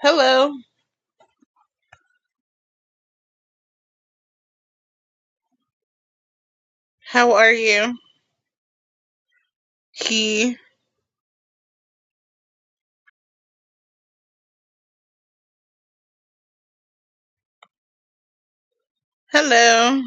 Hello. How are you? He. Hello.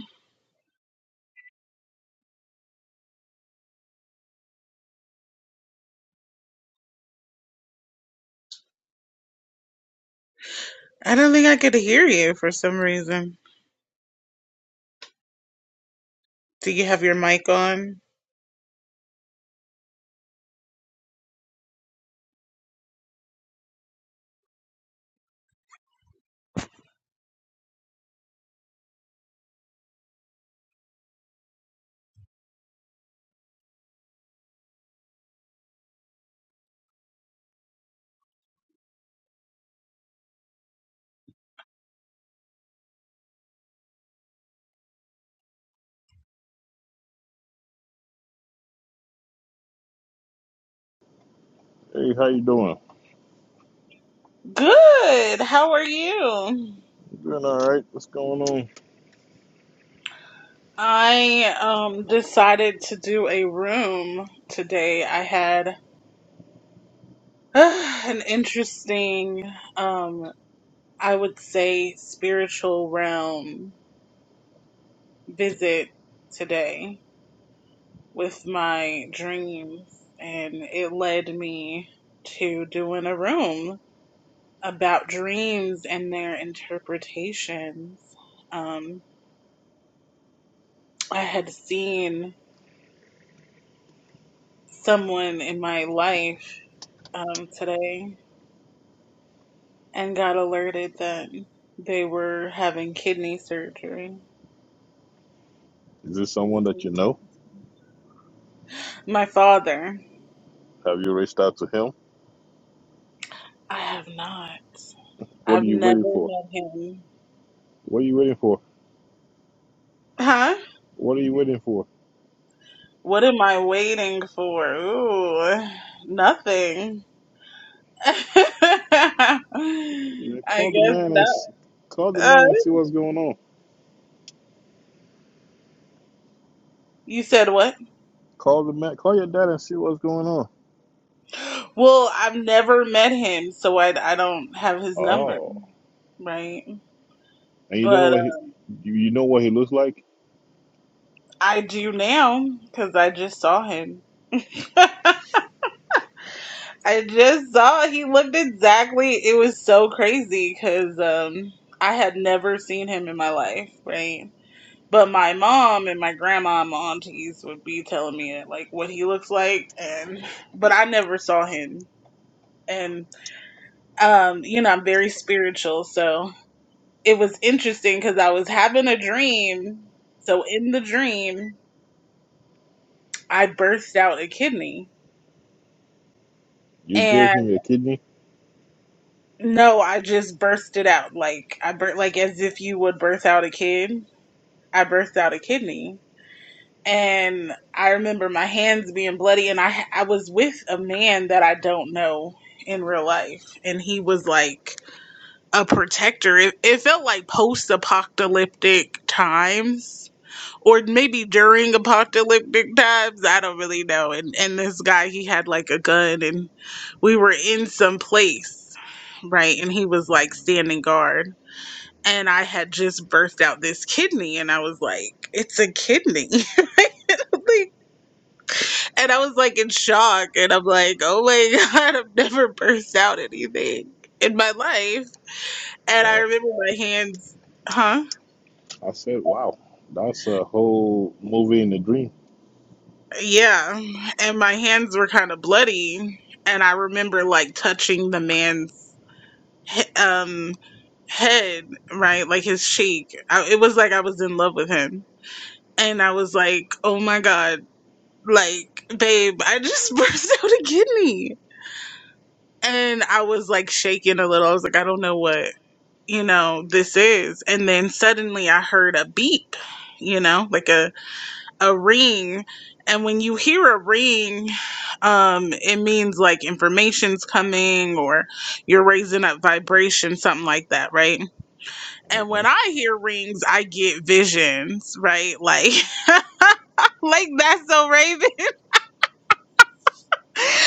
I don't think I could hear you for some reason. Do you have your mic on? Hey, how you doing? Good. How are you? Doing all right. What's going on? I um decided to do a room today. I had uh, an interesting um I would say spiritual realm visit today with my dreams and it led me to doing a room about dreams and their interpretations. Um, I had seen someone in my life um, today and got alerted that they were having kidney surgery. Is this someone that you know? My father, Have you reached out to him? I have not. What are I've you waiting never for? met him. What are you waiting for? Huh? What are you waiting for? What am I waiting for? Ooh, nothing. I Yeah, Call the guess man and that. s- call the Uh, man and see what's going on. you said what? Call the man. Call your dad and see what's going on. Well, I've never met him, so I, I don't have his number, Oh, right? and you don't know But uh, what he, you, you know what he looks like? I do now because I just saw him. I just saw he looked exactly. It was so crazy because um, I had never seen him in my life, right? But my mom and my grandma and my aunties would be telling me like what he looks like, and but I never saw him. And um, you know, I'm very spiritual, so it was interesting because I was having a dream. So in the dream, I burst out a kidney. You gave And him your kidney? no, I just burst it out like I bur- like as if you would birth out a kid. I burst out a kidney. And I remember my hands being bloody and I I was with a man that I don't know in real life and he was like a protector. It, it felt like post apocalyptic times or maybe during apocalyptic times. I don't really know. And and this guy, he had like a gun, and we were in some place, right? And he was like standing guard. And I had just burst out this kidney, and I was like, "It's a kidney." Like, and I was like in shock, and I'm like, "Oh my god, I've never burst out anything in my life." And I Wow. remember my hands, huh? I said, wow. That's a whole movie in a dream. Yeah, and my hands were kind of bloody, and I remember like touching the man's he- um head, right, like his cheek. I, it was like I was in love with him, and I was like, "Oh my god, like babe, I just burst out a kidney," and I was like shaking a little. I was like, "I don't know what you know this is," and then suddenly I heard a beep, you know, like a ring and when you hear a ring um it means like information's coming or you're raising up vibration something like that right and hmm when i hear rings i get visions right like like that's so raven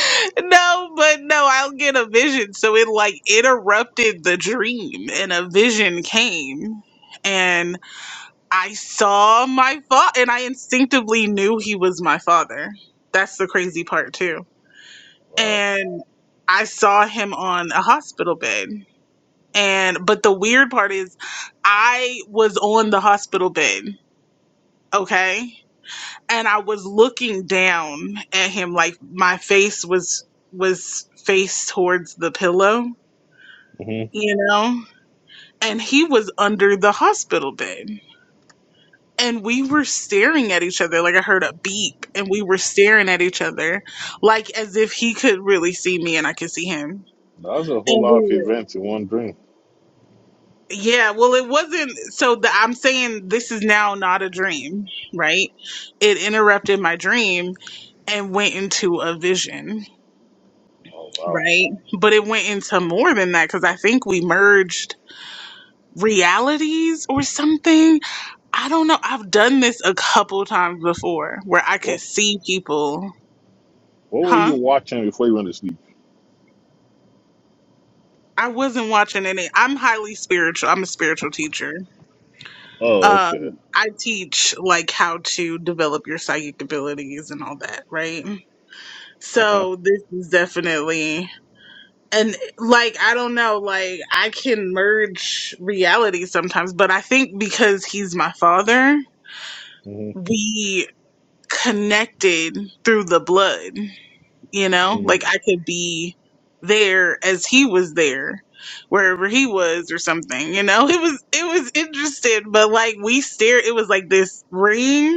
no but no i'll get a vision so it like interrupted the dream and a vision came and i saw my father and i instinctively knew he was my father that's the crazy part too Wow. and I saw him on a hospital bed. And but the weird part is I was on the hospital bed, okay? And I was looking down at him like my face was was face towards the pillow, hmm you know? And he was under the hospital bed. And we were staring at each other like I heard a beep and we were staring at each other like as if he could really see me and I could see him That's a whole And lot we of were events in one dream. Yeah, well, it wasn't. So the, I'm saying this is now not a dream, right? It interrupted my dream and went into a vision, Oh wow. right? But it went into more than that because I think we merged realities or something. I don't know. I've done this a couple times before where I What? could see people, What were you huh? watching before you went to sleep? I wasn't watching any. I'm highly spiritual. I'm a spiritual teacher. Oh, okay. um i teach like how to develop your psychic abilities and all that right Uh huh. so this is definitely and like i don't know like i can merge reality sometimes but i think because he's my father hmm we connected through the blood you know like i could be there as he was there wherever he was or something you know it was it was interesting but like we stared it was like this ring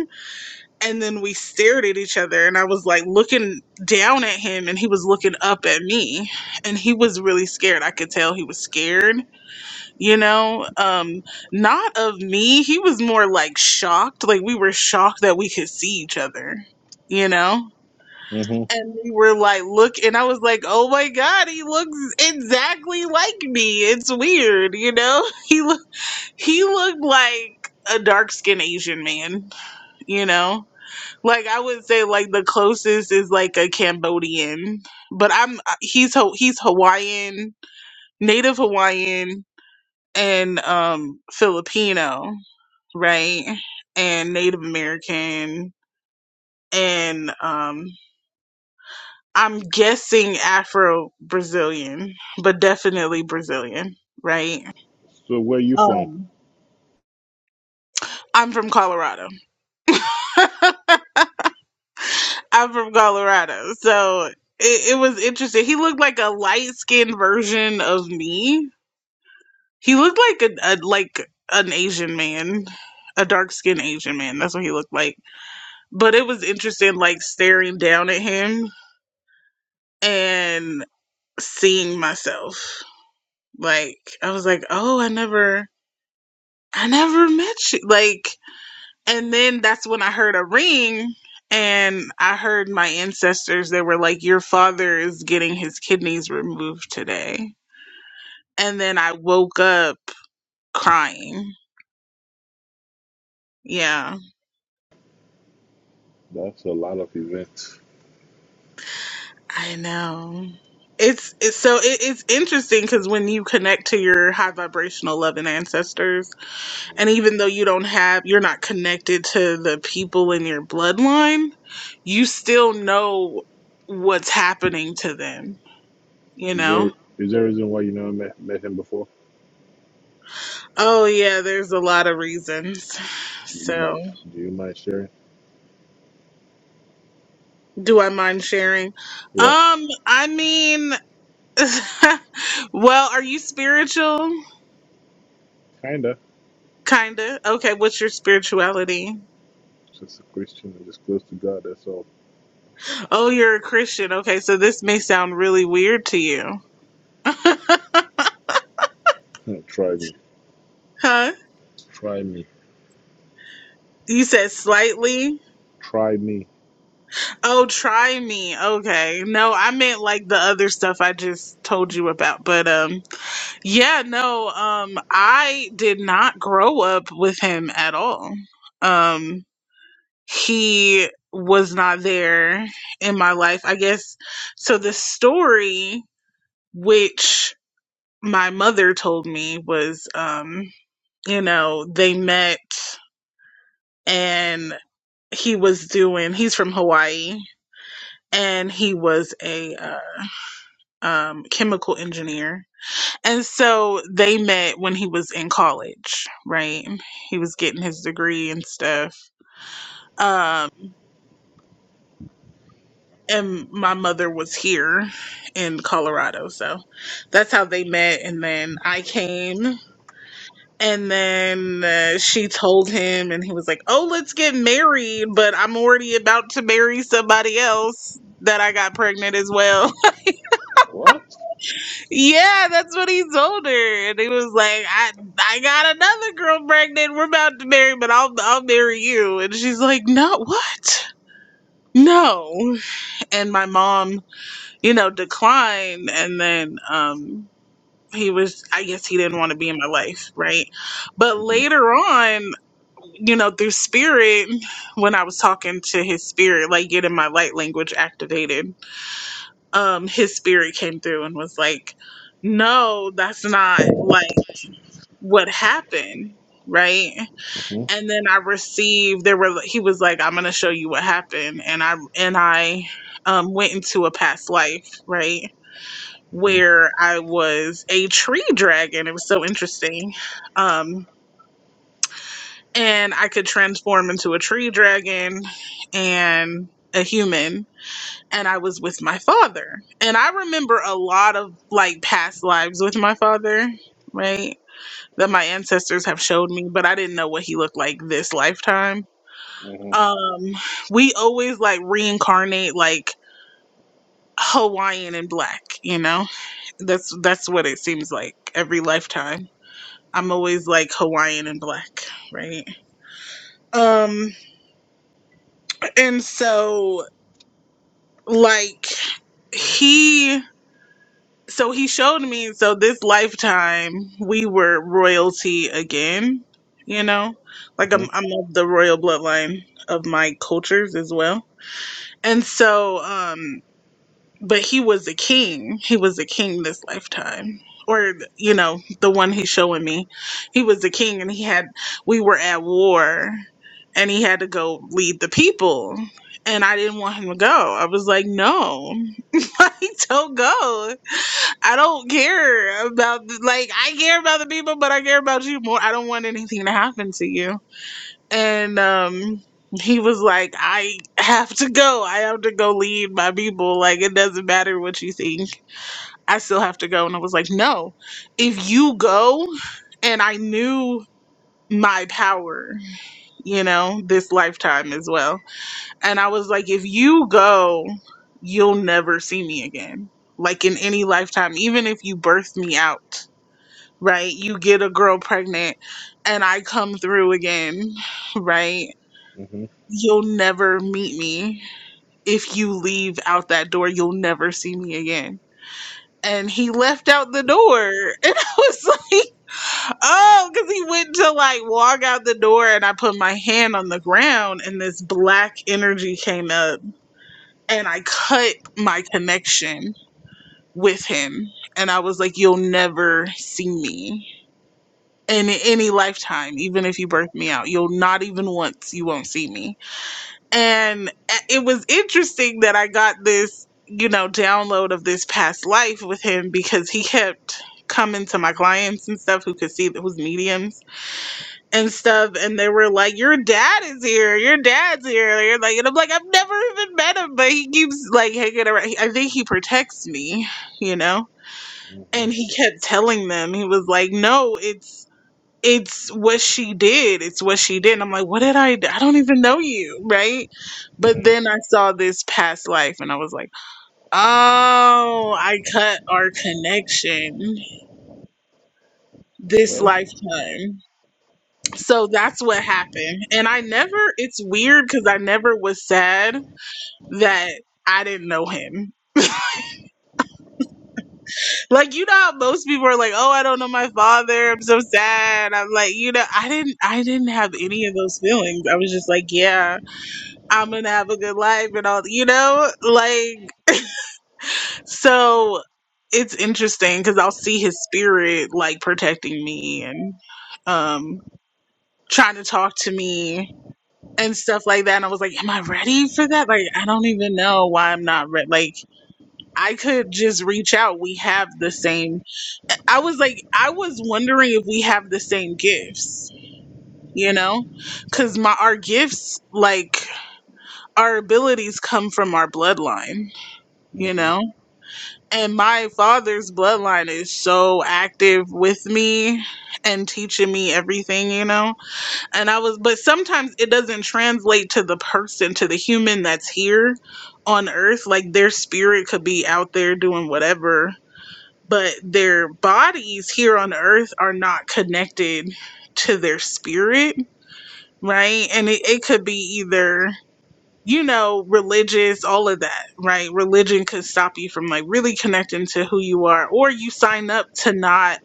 And then we stared at each other, and I was like looking down at him, and he was looking up at me. And he was really scared. I could tell he was scared, you know, um, not of me. He was more like shocked. Like we were shocked that we could see each other, you know? Mm-hmm. And we were like, look, and I was like, oh my God, he looks exactly like me. It's weird, you know? He, looked, he looked like a dark skinned Asian man, you know? Like I would say, like the closest is like a Cambodian, but I'm uh, he's Ha- he's Hawaiian, Native Hawaiian, and um Filipino, right? And Native American, and um I'm guessing Afro Brazilian, but definitely Brazilian, right? So where you from? Um, I'm from Colorado. I'm from Colorado, so it, it was interesting. He looked like a light skinned version of me He looked like a, a like an Asian man, a dark skinned Asian man. That's what he looked like. But it was interesting, like staring down at him and seeing myself. Like I was like, oh, I never, I never met you. Like, and then that's when I heard a ring. And I heard my ancestors, they were like, Your father is getting his kidneys removed today. And then I woke up crying. Yeah That's a lot of events. I know. It's, it's so it, it's interesting because when you connect to your high vibrational loving ancestors, and even though you don't have, you're not connected to the people in your bloodline, you still know what's happening to them, you Is know? there is there a reason why you never met, met him before? Oh, yeah, there's a lot of reasons. Do you So, mind? Do you mind sharing? do I mind sharing? Yeah, Um, I mean, well, are you spiritual? kinda. Kinda. Okay, what's your spirituality? It's Just a Christian and just close to God. That's all. Oh, you're a Christian. Okay, so this may sound really weird to you. Try me. Huh? Try me. You said slightly? Try me. Oh, try me. Okay. No, I meant like the other stuff I just told you about. But um yeah, no, um I did not grow up with him at all. Um he was not there in my life. I guess so the story which my mother told me was um you know, they met and he was doing, he's from Hawaii and he was a uh, um, chemical engineer. And so they met when he was in college, right? He was getting his degree and stuff. Um, and my mother was here in Colorado. So that's how they met. And then I came. And then uh, she told him, and he was like, Oh, let's get married, but I'm already about to marry somebody else that I got pregnant as well. What? yeah, that's what he told her. And he was like, I, I got another girl pregnant. We're about to marry, but I'll, I'll marry you. And she's like, No, what? No. And my mom, you know, declined. And then, um, he was, I guess he didn't want to be in my life, right? But Mm-hmm. later on, you know, through spirit, when I was talking to his spirit, like getting my light language activated, um, his spirit came through and was like, No, that's not like what happened, right? hmm And then I received there were he was like, I'm gonna show you what happened and I and I um went into a past life, right? hmm Where I was a tree dragon. It was so interesting. Um and I could transform into a tree dragon and a human. And I was with my father. And I remember a lot of like past lives with my father, right? That my ancestors have showed me, but I didn't know what he looked like this lifetime. hmm Um, we always like reincarnate like Hawaiian and black, you know? That's that's what it seems like every lifetime. I'm always like Hawaiian and black, right? Um, and so like he so he showed me so this lifetime we were royalty again you know like hmm i'm i'm of the royal bloodline of my cultures as well and so um but he was a king. He was a king this lifetime. Or, you know, the one he's showing me. He was a king and he had, we were at war and he had to go lead the people. And I didn't want him to go. I was like, no, like, don't go. I don't care about, like, I care about the people, but I care about you more. I don't want anything to happen to you and um he was like i have to go i have to go lead my people like it doesn't matter what you think i still have to go and i was like no if you go and i knew my power you know this lifetime as well and i was like if you go you'll never see me again like in any lifetime even if you birth me out right you get a girl pregnant and i come through again right hmm You'll never meet me. If you leave out that door, you'll never see me again. And he left out the door. And I was like, oh, because he went to like walk out the door and I put my hand on the ground and this black energy came up and I cut my connection with him. And I was like, you'll never see me in any lifetime, even if you birth me out. You'll not even once, you won't see me and it was interesting that I got this, you know, download of this past life with him because he kept coming to my clients and stuff who could see who's mediums and stuff and they were like your dad is here your dad's here You're like and I'm like I've never even met him but he keeps like hanging around He- I think he protects me you know hmm and he kept telling them he was like no it's it's what she did. It's what she did. And I'm like, what did I do? I don't even know you, right? But then I saw this past life and I was like, oh, I cut our connection this Well. lifetime. So that's what happened. And I never, it's weird because I never was sad that I didn't know him. Like, you know, how most people are like, oh, I don't know my father. I'm so sad. I'm like, you know, I didn't, I didn't have any of those feelings. I was just like, yeah. I'm gonna have a good life and all, you know, like so. It's interesting because I'll see his spirit like protecting me and um trying to talk to me and stuff like that. And I was like, am I ready for that? Like, I don't even know why I'm not ready. Like, I could just reach out. We have the same. I was like, I was wondering if we have the same gifts, you know, because my our gifts, like our abilities, come from our bloodline hmm you know and my father's bloodline is so active with me and teaching me everything you know and i was but sometimes it doesn't translate to the person to the human that's here on earth like their spirit could be out there doing whatever but their bodies here on earth are not connected to their spirit right and it, it could be either you know, religious, all of that, right? Religion could stop you from like really connecting to who you are, or you sign up to not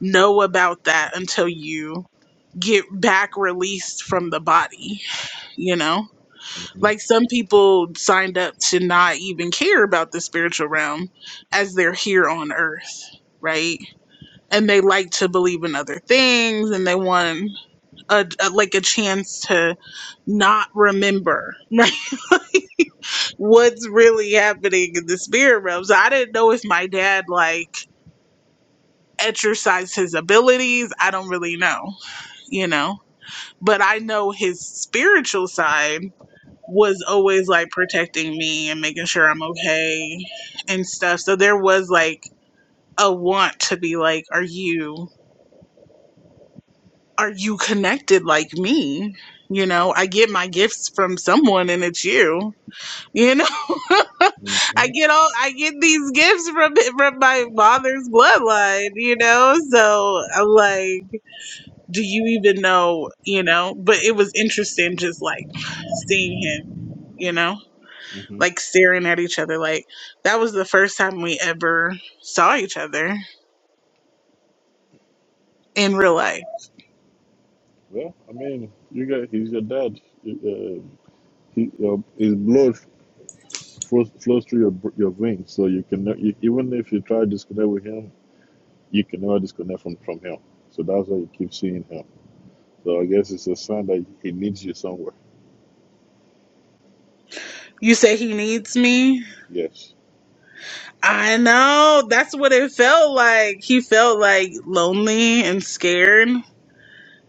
know about that until you get back released from the body, you know? Like some people signed up to not even care about the spiritual realm as they're here on earth, right? And they like to believe in other things and they want a, a like a chance to not remember, right? what's really happening in the spirit realm. So I didn't know if my dad like exercised his abilities. I don't really know, you know. But I know his spiritual side was always like protecting me and making sure I'm okay and stuff. So there was like a want to be like, are you are you connected like me? You know, I get my gifts from someone and it's you You know, hmm I get all I get these gifts from from my father's bloodline, you know? So I'm like, do you even know, you know? But it was interesting just like seeing him, you know, hmm like staring at each other. Like that was the first time we ever saw each other in real life. Well, I mean, you got he's your dad. Uh, He, your, his blood flows, flows through your your veins, so you can you, even if you try to disconnect with him, you can never disconnect from from him. So that's why you keep seeing him. So I guess it's a sign that he needs you somewhere. You say he needs me. Yes, I know. That's what it felt like. He felt like lonely and scared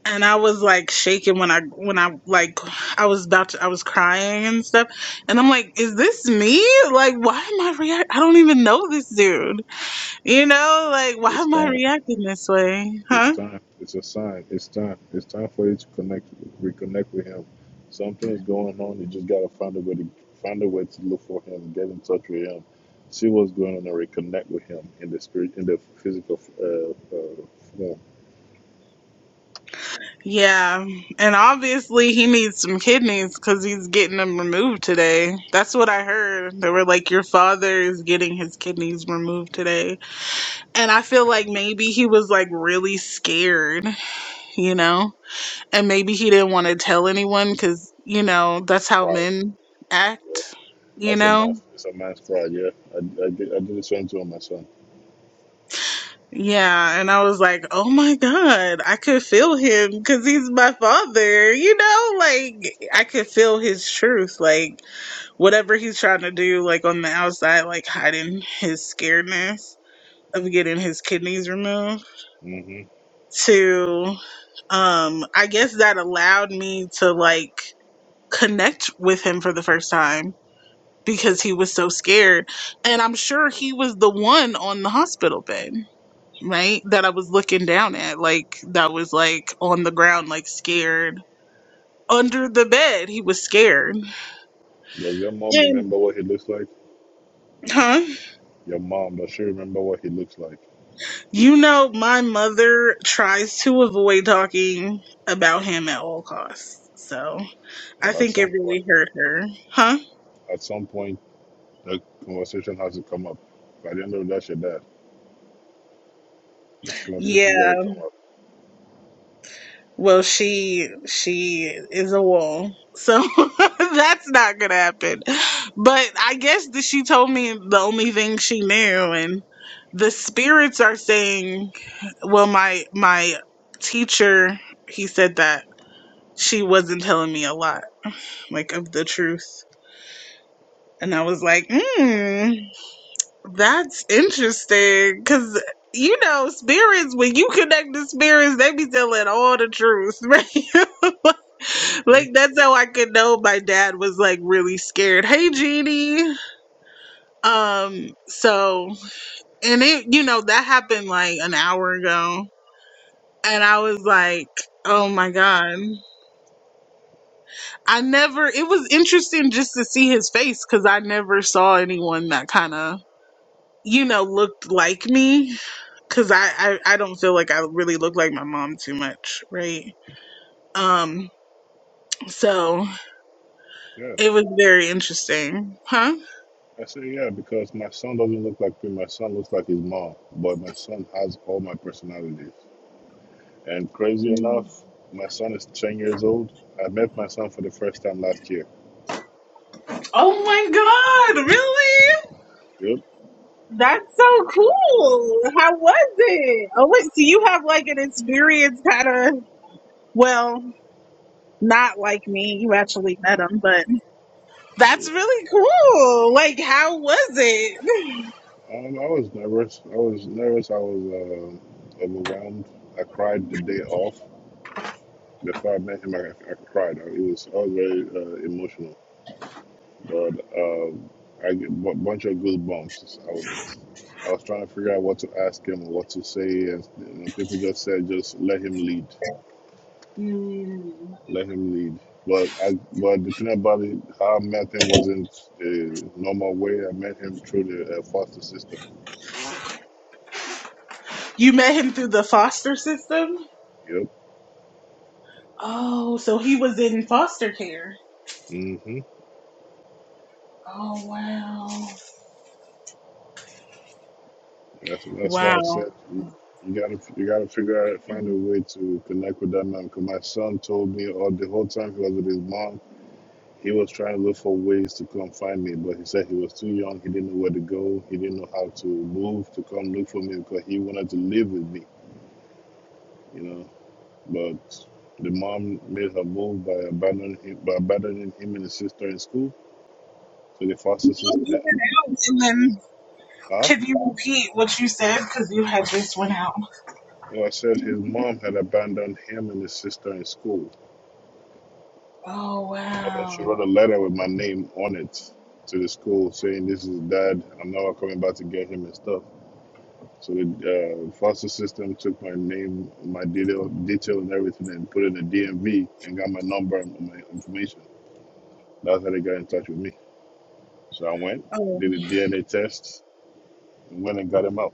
and I was like shaking when I when I like I was about to I was crying and stuff, and I'm like, is this me? Like, why am I react? I don't even know this dude. You know, like why it's am I time. reacting this way? It's Huh? time. It's a sign. It's time. It's time for you to connect, reconnect with him. Something is going on. You just gotta find a way to find a way to look for him, get in touch with him, see what's going on, and reconnect with him in the spirit, in the physical uh, uh, form. Yeah, and obviously he needs some kidneys because he's getting them removed today. That's what I heard. They were like, your father is getting his kidneys removed today, and I feel like maybe he was like really scared. You know. and maybe he didn't want to tell anyone because you know that's how Pride. men act you That's a know math. It's a math fraud. Yeah, I, I did. I did the same to my son. yeah and i was like oh my god i could feel him because he's my father you know like i could feel his truth like whatever he's trying to do like on the outside like hiding his scaredness of getting his kidneys removed hmm to um i guess that allowed me to like connect with him for the first time because he was so scared. And I'm sure he was the one on the hospital bed, right? That I was looking down at, like, that was like on the ground, like scared. Under the bed, he was scared. Does your mom And, remember what he looks like? huh? Your mom does she remember what he looks like? You know, my mother tries to avoid talking about him at all costs. So I And at think it some point, really hurt her. Huh? at some point, that conversation has to come up. By the end of that, your dad. This conversation's got Yeah. to come up. Well, she she is a wall, so that's not gonna happen. But I guess that she told me the only thing she knew, and the spirits are saying, well, my my teacher, he said that she wasn't telling me a lot, like of the truth, and I was like, hmm, that's interesting, because. You know, spirits, when you connect to spirits, they be telling all the truth, right? hmm like that's how I could know my dad was like really scared. Hey Jeannie. Um so and it you know that happened like an hour ago and I was like oh my god. I never it was interesting just to see his face cuz I never saw anyone that kind of you know looked like me cuz I, I I don't feel like I really look like my mom too much, right? Um so Yeah. it was very interesting. Huh? I say yeah because my son doesn't look like me. My son looks like his mom, but my son has all my personalities. And crazy enough, my son is ten years old. I met my son for the first time last year. Oh my god, really? Yep. That's so cool. How was it? Oh wait, so you have like an experience kind of well, not like me. You actually met him, but that's really cool. Like how was it? Um, I was nervous. I was nervous. I was uh, overwhelmed. I cried the day off. Before I met him, I, I cried. I, it was I was very uh, emotional, but um, I get a bunch of goosebumps. I was I was trying to figure out what to ask him or what to say, and you know, people just said, "Just let him lead, Mm. let him lead." But I but the thing about it, how I met him wasn't a normal way. I met him through the uh, foster system. You met him through the foster system? Yep. Oh, so he was in foster care. Mhm. Oh wow. That's that's why I Wow. said you you gotta you gotta figure out find a Mhm. way to connect with that man. Because my son told me all the whole time he was with his mom, he was trying to look for ways to come find me, but he said he was too young. He didn't know where to go. He didn't know how to move to come look for me because he wanted to live with me, you know. But the mom made her move by abandoning him, by abandoning him and his sister in school. So the foster You sister, went out and then huh? can you repeat what you said? Because you had just went out. Well, I said his mom had abandoned him and his sister in school. Oh And then she wow. wrote a letter with my name on it to the school saying, This is dad, I'm now coming back to get him and stuff. So the uh, foster system took my name, my detail, detail and everything and put it in the DMV and got my number and my information. That's how they got in touch with me. So I went, Oh, did a DNA test, and went and got him out.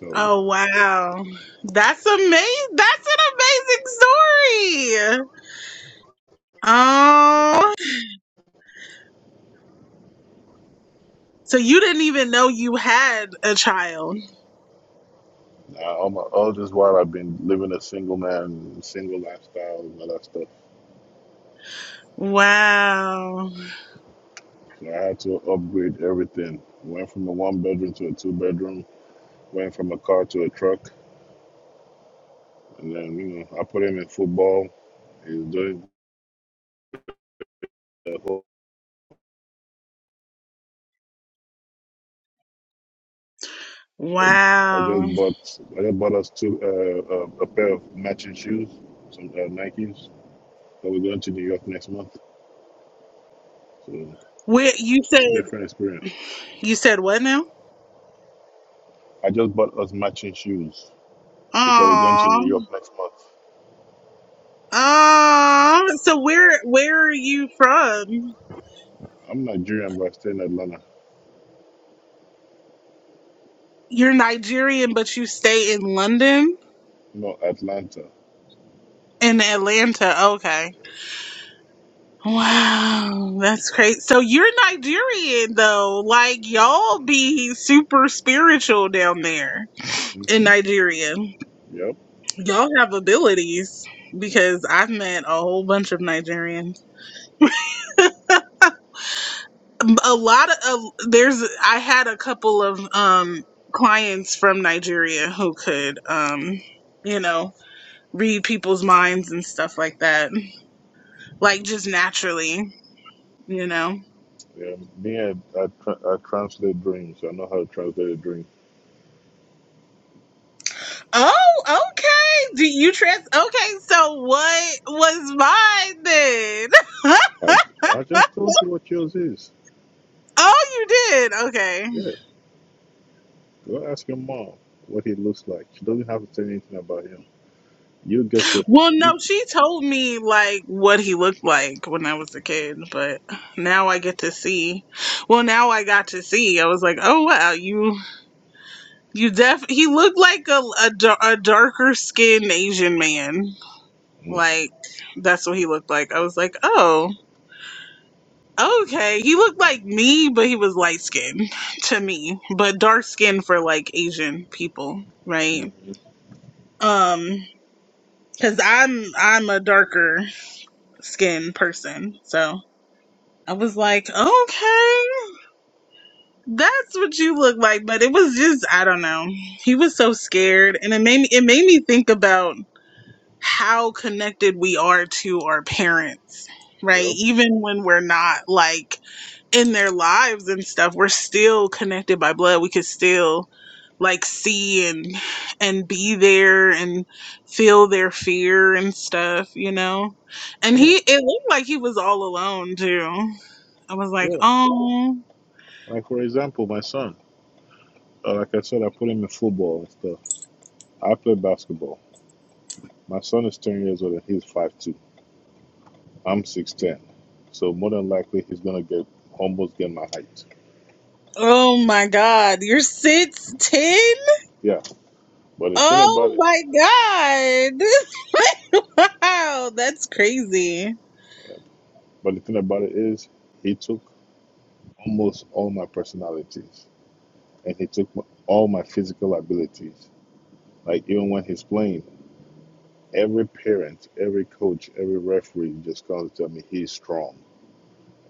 So oh wow. That's amazing. That's an amazing story. Oh. So you didn't even know you had a child. uh, all, my, all this while I've been living a single man, single lifestyle and all that stuff. Wow. So I had to upgrade everything. Went from a one bedroom to a two bedroom Went from a car to a truck, and then you know I put him in football. He's doing the whole. I just Wow. bought I just bought us two uh, a, a pair of matching shoes, some uh, Nikes. But we're going to New York next month, so Where you it's said just a different experience. you said what now? I just bought us matching shoes because we're going to New Oh. York next month. Oh. So where where are you from? I'm Nigerian, but I stay in Atlanta. You're Nigerian but you stay in London No, Atlanta. and Atlanta. Okay. Wow, that's crazy. So you're Nigerian though. Like y'all be super spiritual down there in hmm Nigeria. Yep. Y'all have abilities because I've met a whole bunch of Nigerians. a lot of uh, there's I had a couple of um clients from Nigeria who could um you know read people's minds and stuff like that. Like just naturally, you know. Yeah. Me, I, I, tra- I translate dreams. I know how to translate dreams. Oh, okay. Do you trans? Okay, so what was mine then? I, I just told you what yours is. oh, you did. Okay. Yeah, go ask your mom what he looks like. She doesn't have to tell anything about him. You get your Well, no, you. she told me like what he looked like when I was a kid, but now I get to see. Well, now I got to see. I was like, oh wow, you you def. He looked like a a, da- a darker skinned Asian man. Mm, Like that's what he looked like. I was like, oh. Okay, he looked like me, but he was light skinned to me, but dark skinned for like Asian people, right? mm, mm. Um, cause I'm I'm a darker skinned person, so I was like, okay, that's what you look like. But it was just I don't know. He was so scared, and it made me it made me think about how connected we are to our parents, right? yep. Even when we're not like in their lives and stuff we're still connected by blood we could still like see and and be there and feel their fear and stuff you know and Yeah. he it looked like he was all alone too i was like Yeah. oh Like for example, my son. Uh, like I said, I put him in football and stuff. I play basketball. My son is ten years old and he's five two. I'm six ten. So more than likely he's gonna get almost get my height. oh my god you're six ten. Yeah. But the thing Oh about it, my god wow that's crazy but the thing about it is, he took almost all my personalities. and he took m- all my physical abilities. Like even when he's playing, every parent, every coach, every referee just comes to tell me he's strong,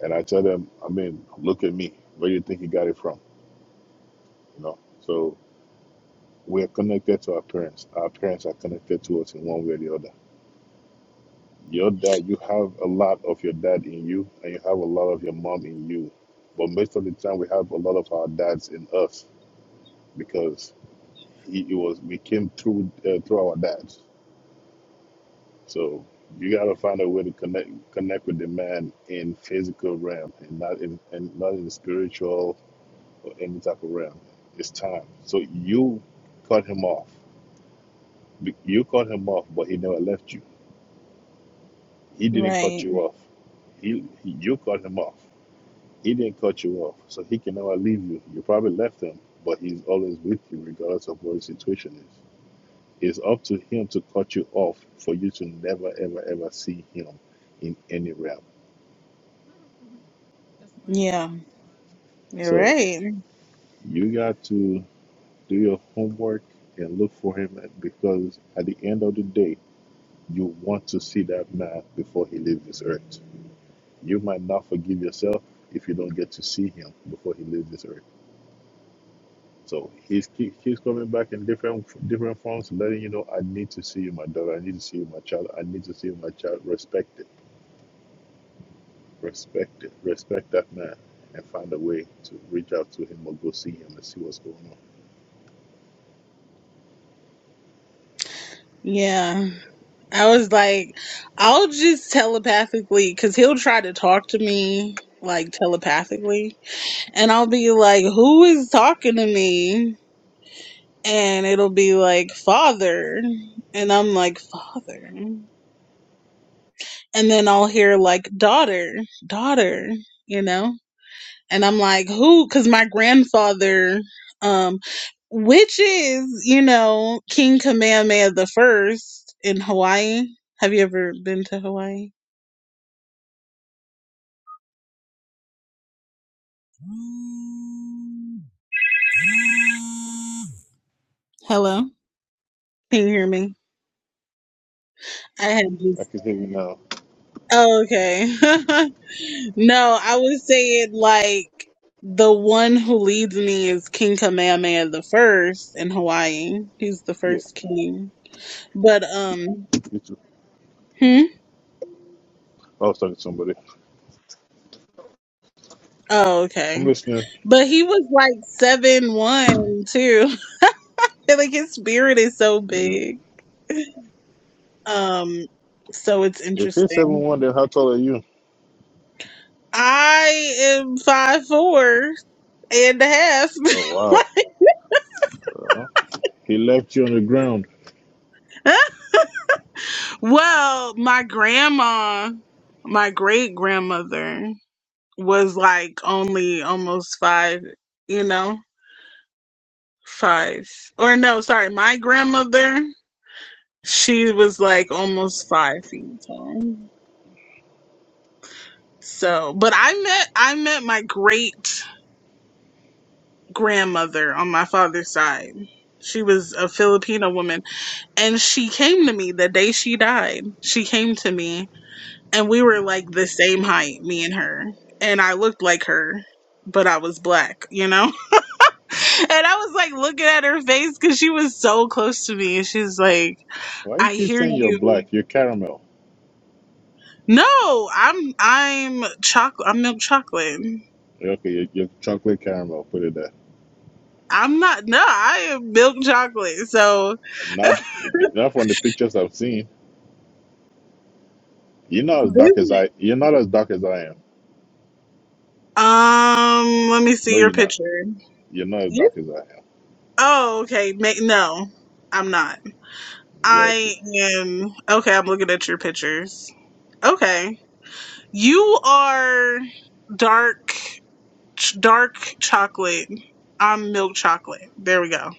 and I tell them, I mean, look at me. Where do you think he got it from? You know. So we are connected to our parents. Our parents are connected to us in one way or the other. Your dad, you have a lot of your dad in you, and you have a lot of your mom in you. But most of the time, we have a lot of our dads in us because he, it was we came through uh, through our dads So you got to find a way to connect connect with the man in physical realm and not in and not in the spiritual or any type of realm. It's time. So you cut him off. Be- You cut him off, but he never left you. He didn't cut right you off. He, he you cut him off. He didn't cut you off, so he can never leave you. You probably left him, but he's always with you, regardless of what his situation is. It's up to him to cut you off for you to never, ever, ever see him in any realm. yeah you're So right You got to do your homework and look for him because at the end of the day, you want to see that man before he leaves this earth. You might not forgive yourself if you don't get to see him before he leaves this earth. So he's he keeps coming back in different different forms, letting you know, I need to see you, my daughter. I need to see you, my child. I need to see you, my child. Respect it, respect it, respect that man, and find a way to reach out to him or go see him and see what's going on. yeah I was like, I'll just telepathically, because he'll try to talk to me like telepathically, and I'll be like, Who is talking to me? And it'll be like, Father. And I'm like, Father. And then I'll hear like, Daughter, daughter, you know? And I'm like, Who? Because my grandfather, um, which is, you know, King Kamehameha the First in Hawaii. Have you ever been to Hawaii? Hello, can you hear me? I had I just can hear you now. oh, okay. no, I was saying like the one who leads me is King Kamehameha the First in Hawaii. He's the first king, but um, Yo, hmm. I was talking to somebody. Oh, I'm okay. listening. But he was like seven one too. like his spirit is so Good. big. Um, so it's If he's seven interesting. one, then how tall are you? I am five four and a half. Oh wow. Uh, he left you on the ground. well, my grandma, my great grandmother was like only almost five, you know, five. Or no, sorry, my grandmother, she was like almost five feet tall. So, but I met I met my great grandmother on my father's side. She was a Filipino woman and she came to me the day she died. She came to me and we were like the same height, me and her. And I looked like her, but I was black, you know? and I was like looking at her face cuz she was so close to me and she's like, Why you "I keep hear saying you're you." black? You're caramel. No, I'm I'm chocolate. I'm milk chocolate. Okay, you're, you're chocolate caramel. Put it there. I'm not no, I am milk chocolate. So Not not from the pictures I've seen. You're not as dark as this- I. You're not as dark as I am. um let me No, see your you're not. picture. You're not as You- dark as I am. Oh, okay. Ma- no. I'm not. Exactly. I am okay. I'm looking at your pictures. Okay, you are dark, ch- dark chocolate. I'm milk chocolate. There we go.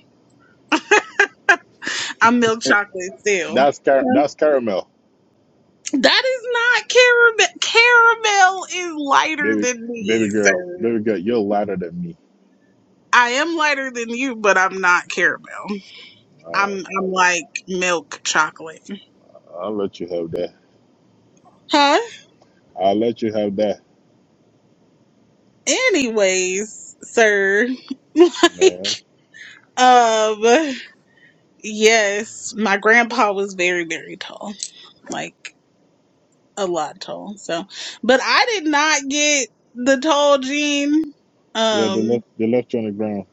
I'm milk chocolate still. that's car. Okay. That's caramel, That is not caramel. Caramel is lighter baby. than Baby me, girl. sir. Baby girl. You're lighter than me. I am lighter than you, but I'm not caramel. All I'm right. I'll I'm let, like milk chocolate. I'll let you have that. Huh? I'll let you have that, Anyways, sir. man. like um Yes, my grandpa was very, very tall, like a lot tall. So, but I did not get the tall gene. Yeah, they Um, left they left you on the ground.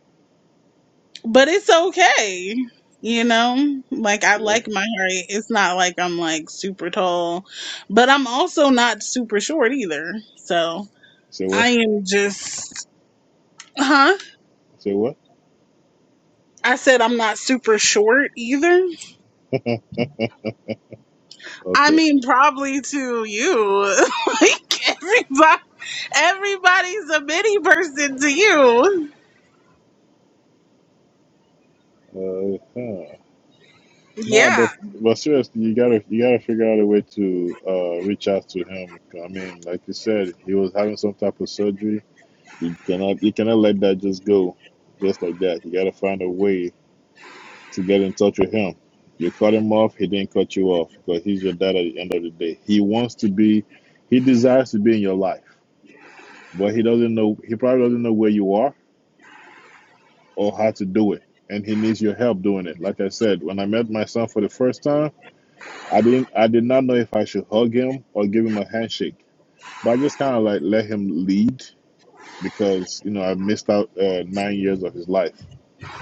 but it's okay, you know. Like I Yeah. like my height. It's not like I'm like super tall, but I'm also not super short either. So Say what? I am just, huh? Say what? I said I'm not super short either. okay. I mean, probably to you, like everybody. Everybody's a mini person to you. Uh, huh. Nah, Yeah. but but seriously, you gotta you gotta figure out a way to uh, reach out to him. I mean, like you said, he was having some type of surgery. You cannot you cannot let that just go, just like that. You gotta find a way to get in touch with him. You cut him off, he didn't cut you off because he's your dad at the end of the day. He wants to be, he desires to be in your life, but he doesn't know. He probably doesn't know where you are or how to do it and he needs your help doing it like i said when i met my son for the first time i didn't i did not know if i should hug him or give him a handshake but i just kind of like let him lead because you know i missed out uh, nine years of his life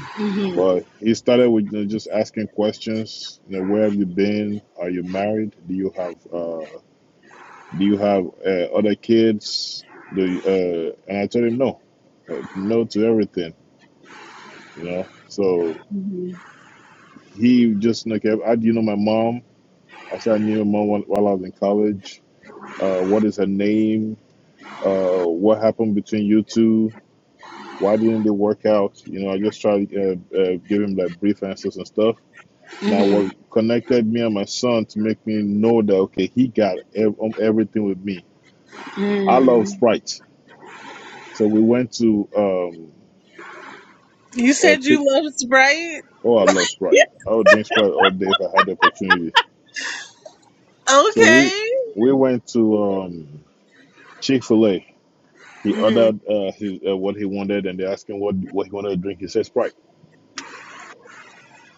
hmm but he started with you know, just asking questions you know where have you been are you married do you have uh do you have uh, other kids do you, uh and i told him no uh, no to everything you know so hmm he just like I, I- you know my mom. I said I knew my mom while while I was in college. Uh, what is her name? Uh, what happened between you two? Why didn't they work out? You know, I just tried to uh, uh, give him like brief answers and stuff. Now hmm what connected me and my son to make me know that okay, he got ev- um, everything with me. I hmm love Sprite, so we went to um, You uh, said Chick. you love Sprite? Oh, I love Sprite. Yeah. I would drink Sprite all day if I had the opportunity. So we Okay. we went to um, Chick Fil A He hmm ordered uh, his, uh, what he wanted, and they asked him what what he wanted to drink. He said Sprite.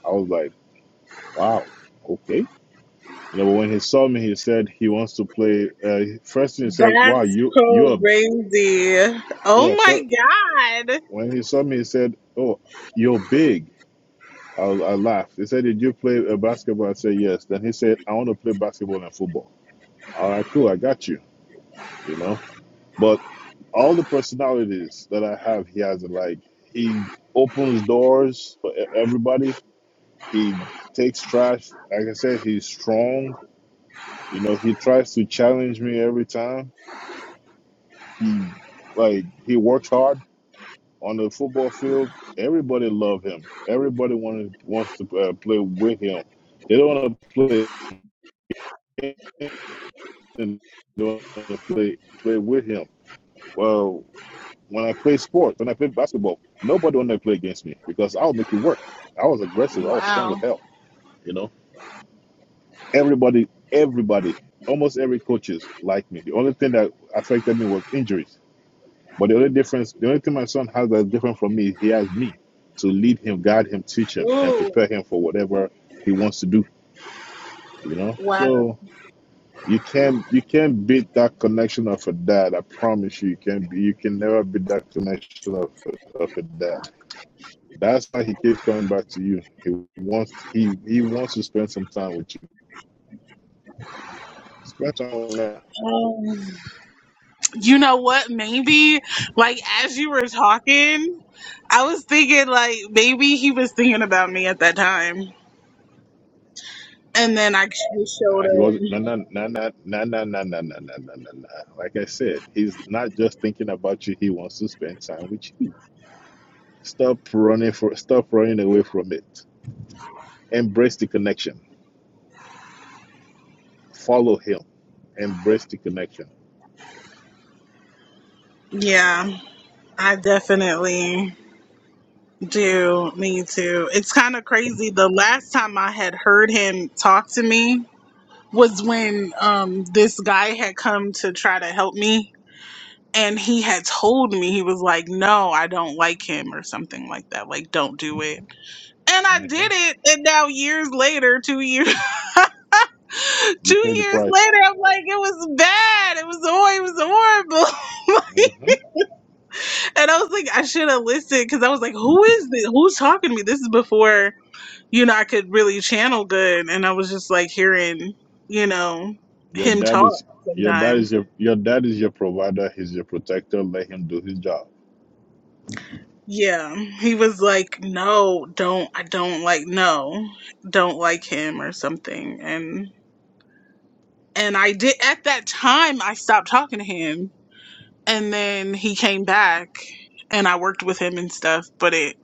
I was like, wow, okay. You know, but when he saw me, he said he wants to play. Uh, first thing he said, wow, That's you you are crazy. Oh yeah. First, my god. when he saw me, he said, oh, you're big. I, I laughed. He said, did you play uh, basketball? I said yes. Then he said, I want to play basketball and football. All right, cool. I got you. You know, but all the personalities that I have, he has like he opens doors for e- everybody He takes trash. Like I said, he's strong. You know, he tries to challenge me every time. He like he works hard on the football field. Everybody love him. Everybody want, wants to uh, play with him. They don't want to play against him. They don't want to play play with him. Well, when I play sports, when I play basketball, nobody want to play against me because I'll make you work. I was aggressive. I was strong as Wow. hell. You know. Everybody, everybody, almost every coaches like me. The only thing that affected me was injuries. But the only difference, the only thing my son has that's different from me, he has me to lead him, guide him, teach him, and Ooh. prepare him for whatever he wants to do. You know, Wow. so you can't you can't beat that connection of a dad. I promise you, you can't be. You can never beat that connection of a- of a dad. That's why he keeps coming back to you. He wants he he wants to spend some time with you. Spend time, man. Um, you know what? Maybe like as you were talking, I was thinking like maybe he was thinking about me at that time. And then I just Nah, he showed up. wasn't. No, no, no, no, no, no, no, no, no, no, no, no. no. Like I said, he's not just thinking about you. He wants to spend time with you. Stop running for. Stop running away from it. Embrace the connection. Follow him. Embrace the connection. Yeah. I definitely do. need to. It's kind of crazy. The last time I had heard him talk to me was when um, this guy had come to try to help me. And he had told me, he was like, no, I don't like him or something like that. Like, don't do it. And I hmm did it. And now, years later, two years. Two You pay the years price. later, I'm like, it was bad. It was, oh, it was horrible. hmm And I was like, I should have listened because I was like, who is this? Who's talking to me? This is before, you know, I could really channel good. And I was just like hearing, you know, Your him dad talk is your dad sometime. is your your dad is your provider. He's your protector. Let him do his job. Yeah. He was like, no, don't, I don't like, no, don't like him or something. And, and I did, at that time, I stopped talking to him. And then he came back and I worked with him and stuff, but it,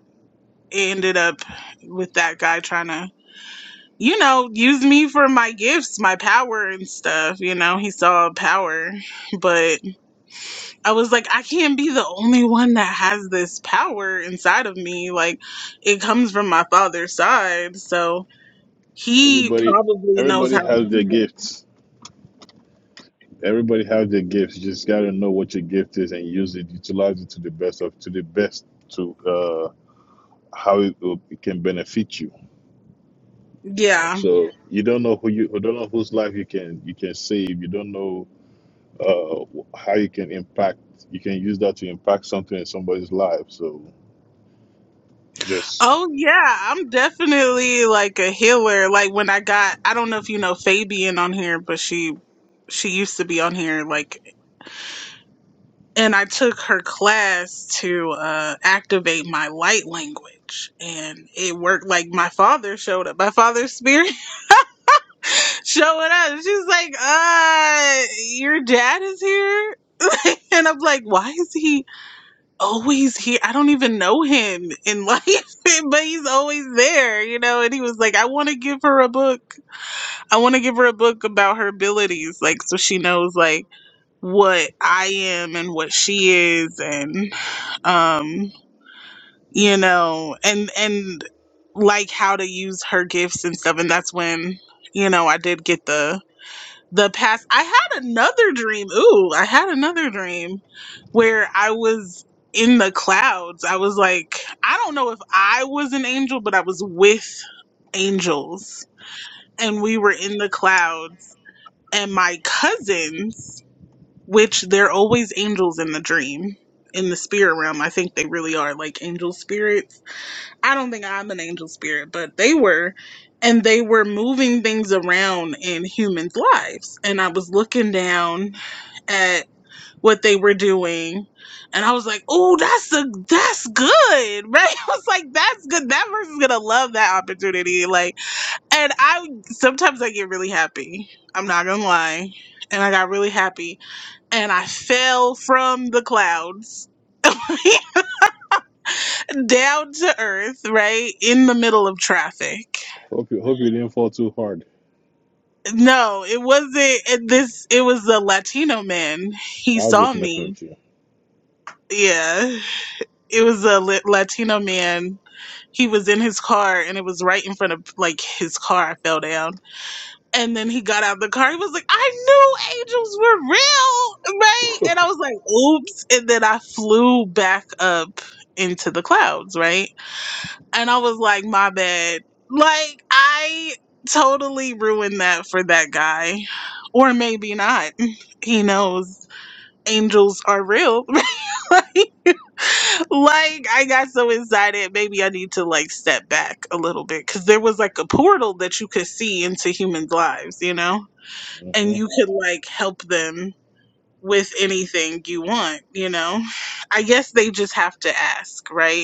it ended up with that guy trying to you know, use me for my gifts, my power and stuff. You know, he saw power, but I was like, I can't be the only one that has this power inside of me. Like, it comes from my father's side. So he Everybody, probably knows everybody how to has their use it. gifts. Everybody have their gifts. You just gotta know what your gift is and use it, utilize it to the best of to the best to uh, how it, will- it can benefit you. You know, Yeah. so you don't know who you, you don't know whose life you can you can save. You don't know uh, wh- how you can impact. You can use that to impact something in somebody's life. So just Oh, yeah. I'm definitely like a healer. Like, when I got, I don't know if you know Fabian on here, but she. She used to be on here like and I took her class to uh, activate my light language, and it worked. Like my father showed up, my father's spirit showing up. She's like, "Uh, your dad is here," and I'm like, "Why is he always here? I don't even know him in life, but he's always there, you know." And he was like, "I want to give her a book. I want to give her a book about her abilities, like so she knows like." what I am and what she is and um you know and and like how to use her gifts and stuff and that's when you know I did get the the pass I had another dream ooh I had another dream where I was in the clouds I was like I don't know if I was an angel but I was with angels and we were in the clouds and my cousins which they're always angels in the dream. In the spirit realm, I think they really are like angel spirits. I don't think I'm an angel spirit, but they were. And they were moving things around in humans' lives. And I was looking down at what they were doing. And I was like, oh, that's a that's good. Right? I was like, that's good. That person's gonna love that opportunity. Like, and I sometimes I get really happy. I'm not gonna lie. And I got really happy and I fell from the clouds down to earth, right in the middle of traffic. hope you hope you didn't fall too hard. No, it wasn't this. It was a Latino man. He I was just saw messing me. with you. Yeah, it was a Latino man. He was in his car, and it was right in front of like his car. I fell down, and then he got out of the car. He was like, "I knew angels were real, right?" And I was like, "Oops!" And then I flew back up into the clouds, right? and I was like, my bad. Like, I totally ruined that for that guy. Or maybe not. He knows angels are real. like, I got so excited. Maybe I need to, like, step back a little bit. Cause there was, like, a portal that you could see into humans' lives, you know? And hmm you could, like, help them with anything you want, you know? I guess they just have to ask, right?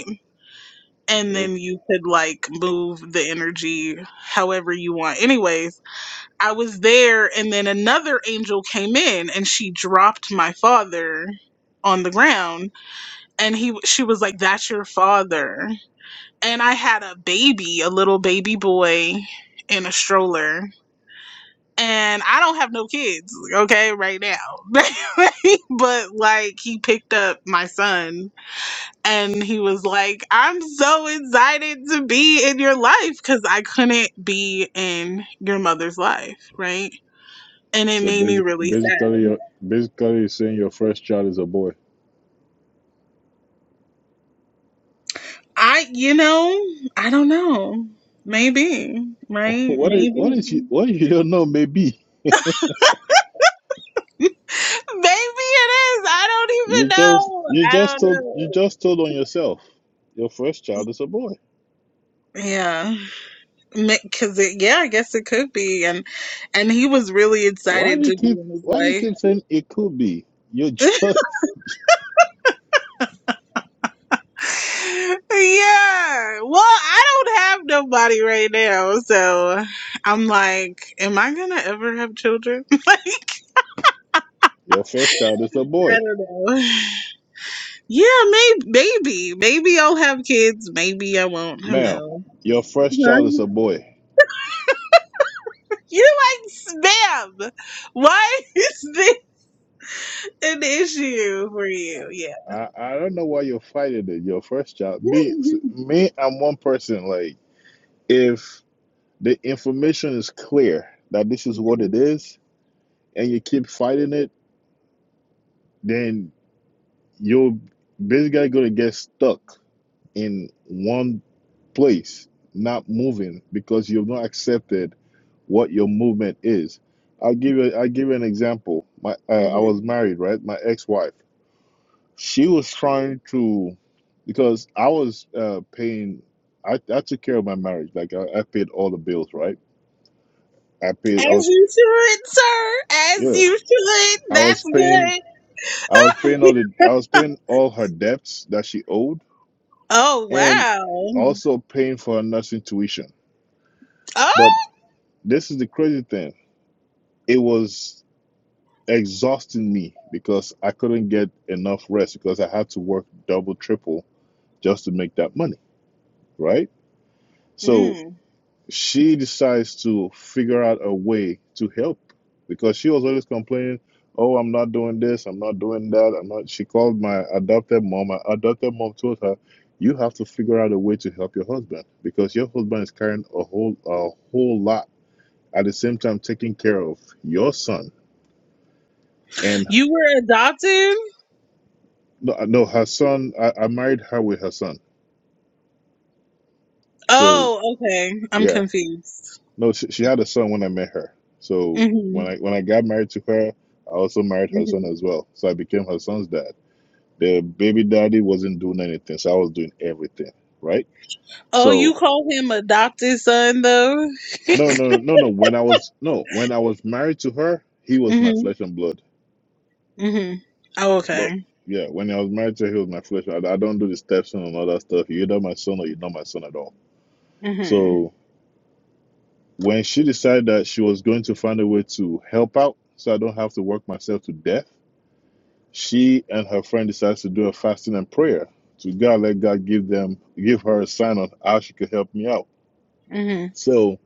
and then you could like move the energy however you want. Anyways, I was there, and then another angel came in and she dropped my father on the ground and he she was like that's your father and i had a baby a little baby boy in a stroller and i don't have no kids okay right now but like he picked up my son and he was like, I'm so excited to be in your life because I couldn't be in your mother's life, right? And it So made me basic, really sad. basically, you basically, you're saying your first child is a boy. I, you know, I don't know. Maybe, right? What is Maybe. what is you what you don't know maybe Maybe it is. I don't you even just know. you I just don't told you know. just told on yourself your first child is a boy. Yeah, because it, yeah, I guess it could be, and and he was really Why do excited to you keep be in his why do you keep life. saying it could be? You just Yeah. Well, I don't have nobody right now, so I'm like, am I gonna ever have children? like, your first child is a I boy, don't know. Yeah, maybe, maybe, maybe I'll have kids. Maybe I won't. Who ma'am. knows? Your first child is Huh? a boy. You like spam. Why is this an issue for you? Yeah. I, I don't know why you're fighting it. Your first child, me, Mhm. me, I'm one person. Like if the information is clear that this is what it is, and you keep fighting it, then. you're basically going to get stuck in one place, not moving because you've not accepted what your movement is. I'll give you. I'll give you an example. My uh, I was Mhm. married, right? My ex-wife. She was trying to, because I was uh, paying. I, I took care of my marriage. Like I, I paid all the bills, right? I As paid. I was you should, sir. As yeah. you should. I That's was paying. good. I was paying all the. I was paying all her debts that she owed Oh and wow. also paying for a nursing tuition. Oh, But this is the crazy thing. It was exhausting me because I couldn't get enough rest because I had to work double, triple just to make that money, right? So Mm. she decides to figure out a way to help because she was always complaining, "Oh, I'm not doing this. I'm not doing that. I'm not." She called my adopted mom. My adopted mom told her, "You have to figure out a way to help your husband because your husband is carrying a whole a whole lot at the same time taking care of your son and You were adopted? no, no her son. I, I married her with her son, so." Oh, okay. I'm Yeah, confused. No, she, she had a son when I met her. So hmm when I when I got married to her, I also married her hmm son as well. So I became her son's dad. The baby daddy wasn't doing anything, so I was doing everything, right? Oh, you So call him adopted son though? no, no, no, no. When I was no, when I was married to her, he was my Mhm. flesh and blood. Mhm. Oh, But okay. yeah, when I was married to her, he was my flesh. I, I don't do the steps and all that stuff. You're either my son or you're not my son at all. Mhm. So when she decided that she was going to find a way to help out, so I don't have to work myself to death She and her friend decides to do a fasting and prayer to God. Let God give them give her a sign on how she could help me out. Mhm. So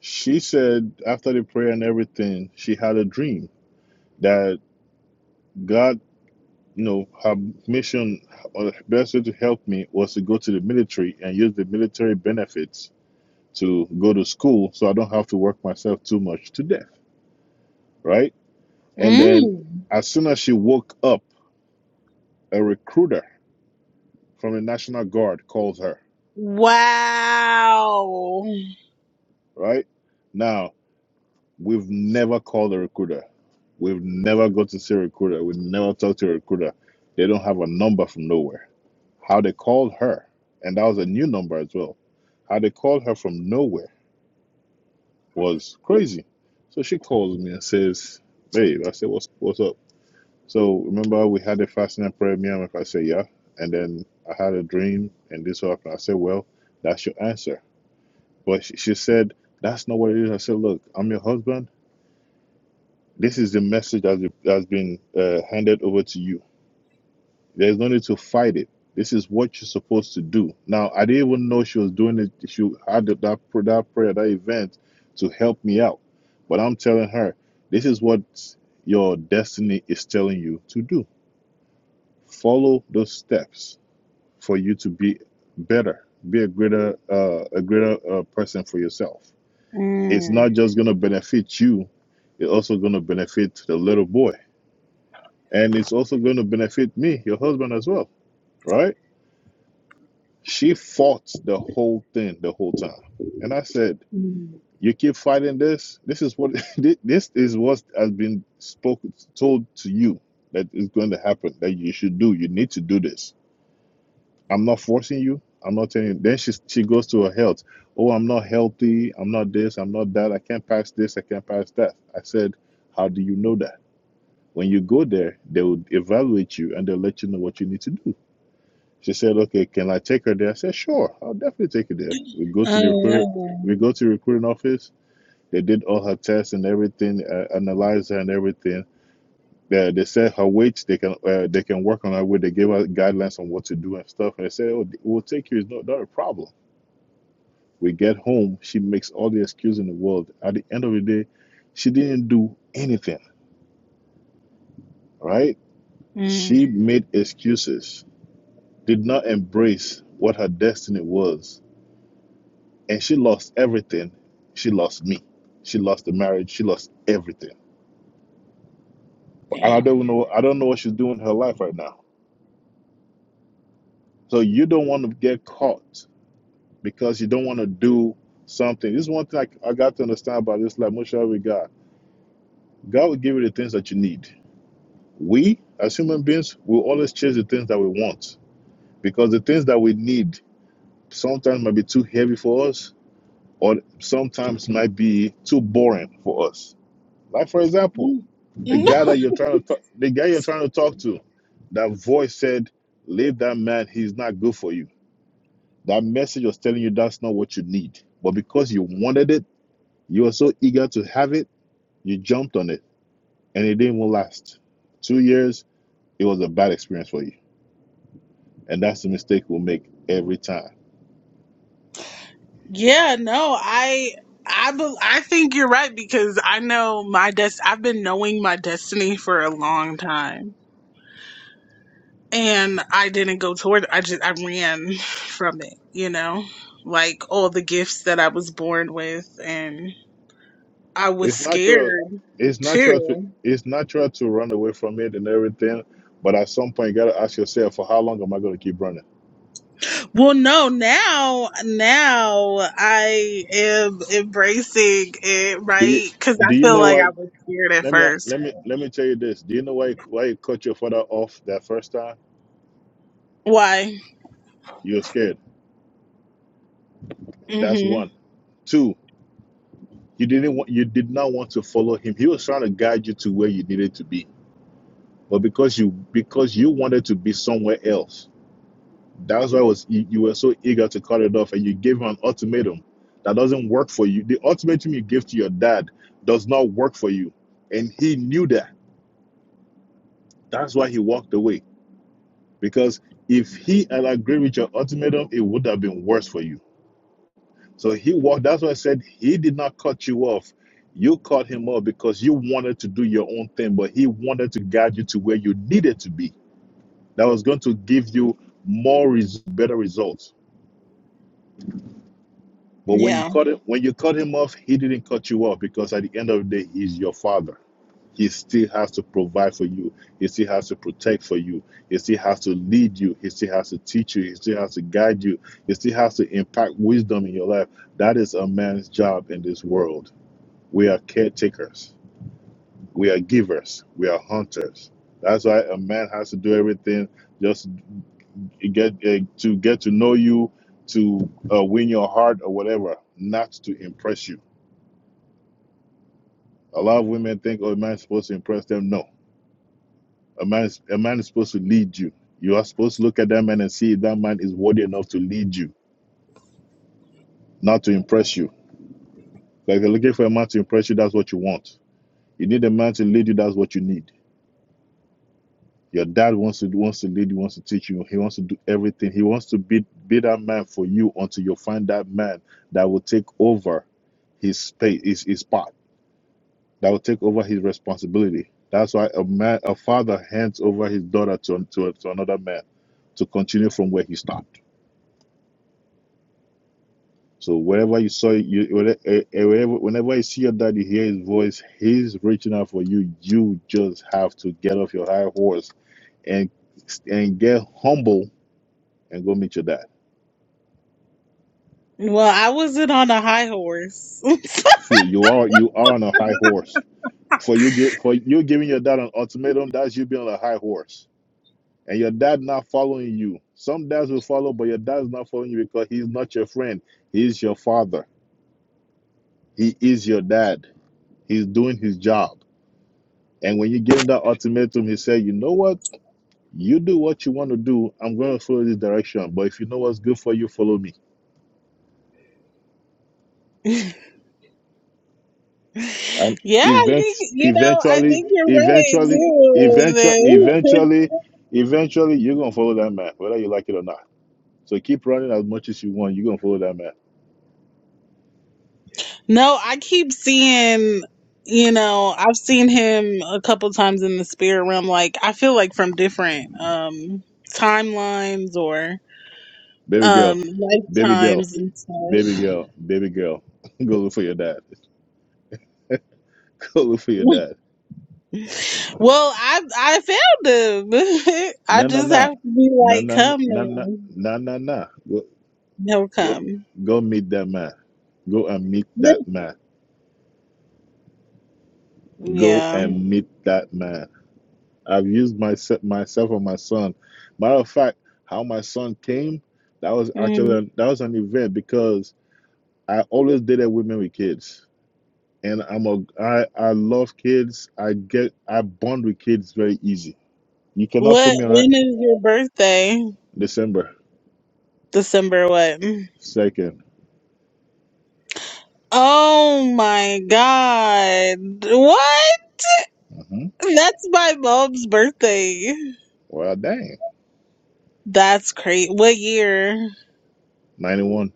she said after the prayer and everything, she had a dream that God, you know, her mission or best way to help me was to go to the military and use the military benefits to go to school so I don't have to work myself too much to death. Right. And then Mm. as soon as she woke up, a recruiter from the National Guard calls her Wow. right? Now, we've never called a recruiter. We've never got to see a recruiter. We've never talked to a recruiter. They don't have a number from nowhere. How they called her, and that was a new number as well. How they called her from nowhere was crazy. So she calls me and says, Babe, I said, What's what's up? So remember we had a fasting and prayer meal if I say yeah. And then I had a dream and this happened. I said, Well, that's your answer. But she, she said, That's not what it is. I said, Look, I'm your husband. This is the message that has has been uh, handed over to you. There's no need to fight it. This is what you're supposed to do. Now, I didn't even know she was doing it. She had that, that prayer, that event to help me out. But I'm telling her, this is what your destiny is telling you to do. Follow those steps for you to be better, be a greater, uh, a greater uh, person for yourself. It's Mm. not just going to benefit you. It's also going to benefit the little boy and it's also going to benefit me, your husband, as well, right? She fought the whole thing the whole time, and I said, Mm. "You keep fighting this. This is what this is what has been spoken told to you that is going to happen. That you should do. You need to do this. I'm not forcing you. I'm not telling." You. Then she she goes to her health. Oh, I'm not healthy. I'm not this. I'm not that. I can't pass this. I can't pass that. I said, "How do you know that?" When you go there, they will evaluate you and they'll let you know what you need to do She said, "Okay, can I take her there?" I said, "Sure, I'll definitely take her there." We go to Oh. the recruit, We wow. go to the recruiting office. They did all her tests and everything, uh, analyzed her and everything. They, they said her weight. They can uh, they can work on her weight. They gave her guidelines on what to do and stuff. And they said, "Oh, we'll take you. It's not, not a problem." We get home. She makes all the excuses in the world. At the end of the day, she didn't do anything. Right? Mm. She made excuses. Did not embrace what her destiny was and she lost everything. She lost me. She lost the marriage. She lost everything. But and I Damn. don't know. I don't know what she's doing in her life right now. So you don't want to get caught because you don't want to do something. This is one thing I, I got to understand about this life. Much we got God will give you the things that you need. We as human beings will always chase the things that we want because the things that we need sometimes might be too heavy for us or sometimes might be too boring for us. Like for example. Mm. The guy that you're trying to talk, the guy you're trying to talk to, that voice said, "Leave that man. He's not good for you." That message was telling you that's not what you need. But because you wanted it, you were so eager to have it, you jumped on it, and it didn't even last. Two years, it was a bad experience for you, and that's the mistake we will make every time. Yeah, no, I I bel I think you're right because I know my des I've been knowing my destiny for a long time. And I didn't go toward it. I just I ran from it, you know? Like all the gifts that I was born with and I was It's scared natural. It's natural to. too. It's natural to run away from it and everything, but at some point, you gotta ask yourself, for how long am I gonna keep running? Well, no, now now I am embracing it, Do you, right? Cuz I do you feel know like why I was scared at Let me first. let me let me tell you this. Do you know why why you cut your father off that first time? Why? You were scared. That's Mhm. one. Two. You didn't want you did not want to follow him. He was trying to guide you to where you needed to be. But because you because you wanted to be somewhere else, that's why it was you, you were so eager to cut it off, and you gave him an ultimatum that doesn't work for you. The ultimatum you give to your dad does not work for you, and he knew that. That's why he walked away because if he had agreed with your ultimatum, it would have been worse for you So he walked. That's why I said he did not cut you off. You cut him off because you wanted to do your own thing, but he wanted to guide you to where you needed to be. That was going to give you more res- better results. But when Yeah. you cut it, when you cut him off, he didn't cut you off because at the end of the day, he's your father. He still has to provide for you. He still has to protect for you. He still has to lead you. He still has to teach you. He still has to guide you. He still has to impact wisdom in your life. That is a man's job in this world We are caretakers. We are givers. We are hunters. That's why a man has to do everything just to get uh, to get to know you, to uh, win your heart or whatever, not to impress you. A lot of women think, oh, a man's supposed to impress them. No, a man's a man is supposed to lead you. You are supposed to look at that man and see if that man is worthy enough to lead you, not to impress you. Like you're looking for a man to impress you, that's what you want. You need a man to lead you. That's what you need. Your dad wants to wants to lead you, wants to teach you. He wants to do everything. He wants to be be that man for you until you find that man that will take over his space, his, his part, that will take over his responsibility. That's why a man, a father hands over his daughter to to, to another man to continue from where he stopped. So wherever you saw you, where- eh, eh, wherever, whenever you see your dad, you hear his voice. He's reaching out for you. You just have to get off your high horse and and get humble and go meet your dad Well, I wasn't on a high horse. yeah, Shit, you are you are on a high horse. For you give for you giving your dad an ultimatum, that's you being on a high horse. And your dad not following you. Some dads will follow, but your dad's not following you because he's not your friend. He's your father. He is your dad. He's doing his job. And when you give him that ultimatum, he said, You know what? You do what you want to do. I'm gonna follow this direction. But if you know what's good for you, follow me. and I think event you know, I eventually think you're right eventually too. eventually Liz. eventually eventually you're gonna follow that man whether you like it or not so keep running as much as you want you're gonna follow that man no, I keep seeing you know, I've seen him a couple times in the spirit realm, like I feel like from different um timelines or baby girl um baby girl lifetimes and stuff. baby girl baby girl go look for your dad go look for your dad Well, I I failed him. I no no just no have to be no like, no no come no now. no no no go He'll go come. go meet that man go and meet that man go Yeah. and meet that man I've used myself, myself and my son. Matter of fact, how my son came, that was actually Mm. that was an event because I always dated women with kids, and I'm a I I love kids. I get I bond with kids very easy. You cannot put What? me right When is your birthday? December December what? 2nd Oh my God. What? Mm-hmm. That's my mom's birthday. Well, dang, That's crazy. What year? ninety one.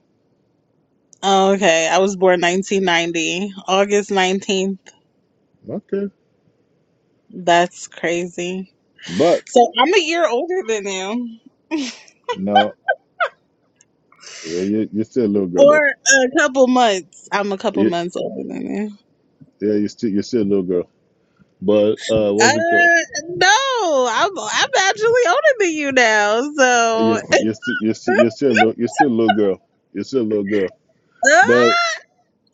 Oh, okay. I was born 1990, August 19th. Okay, That's crazy. but So I'm a year older than you. no, yeah, you, you're still a little girl though. Or a couple months. I'm a couple You, months older than you. yeah, you're still you're still a little girl. But uh, what's it called? Uh, no, I'm I'm actually older than you now. you're, So, you're, st- you're, st- you're still a little, you're still a little girl. You're still a little girl. ah! But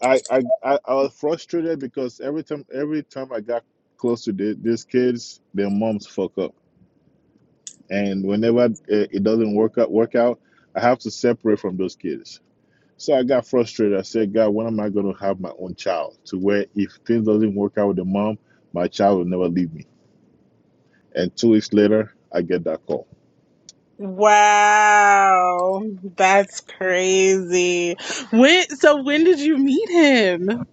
I, I, I, I was frustrated because every time every time I got close to the, these kids, their moms fuck up, and whenever it, it doesn't work out, work out, I have to separate from those kids. So I got frustrated. I said, God, when am I going to have my own child? To where if things doesn't work out with the mom, my child will never leave me. And two weeks later, I get that call. wow, that's crazy. When so when did you meet him?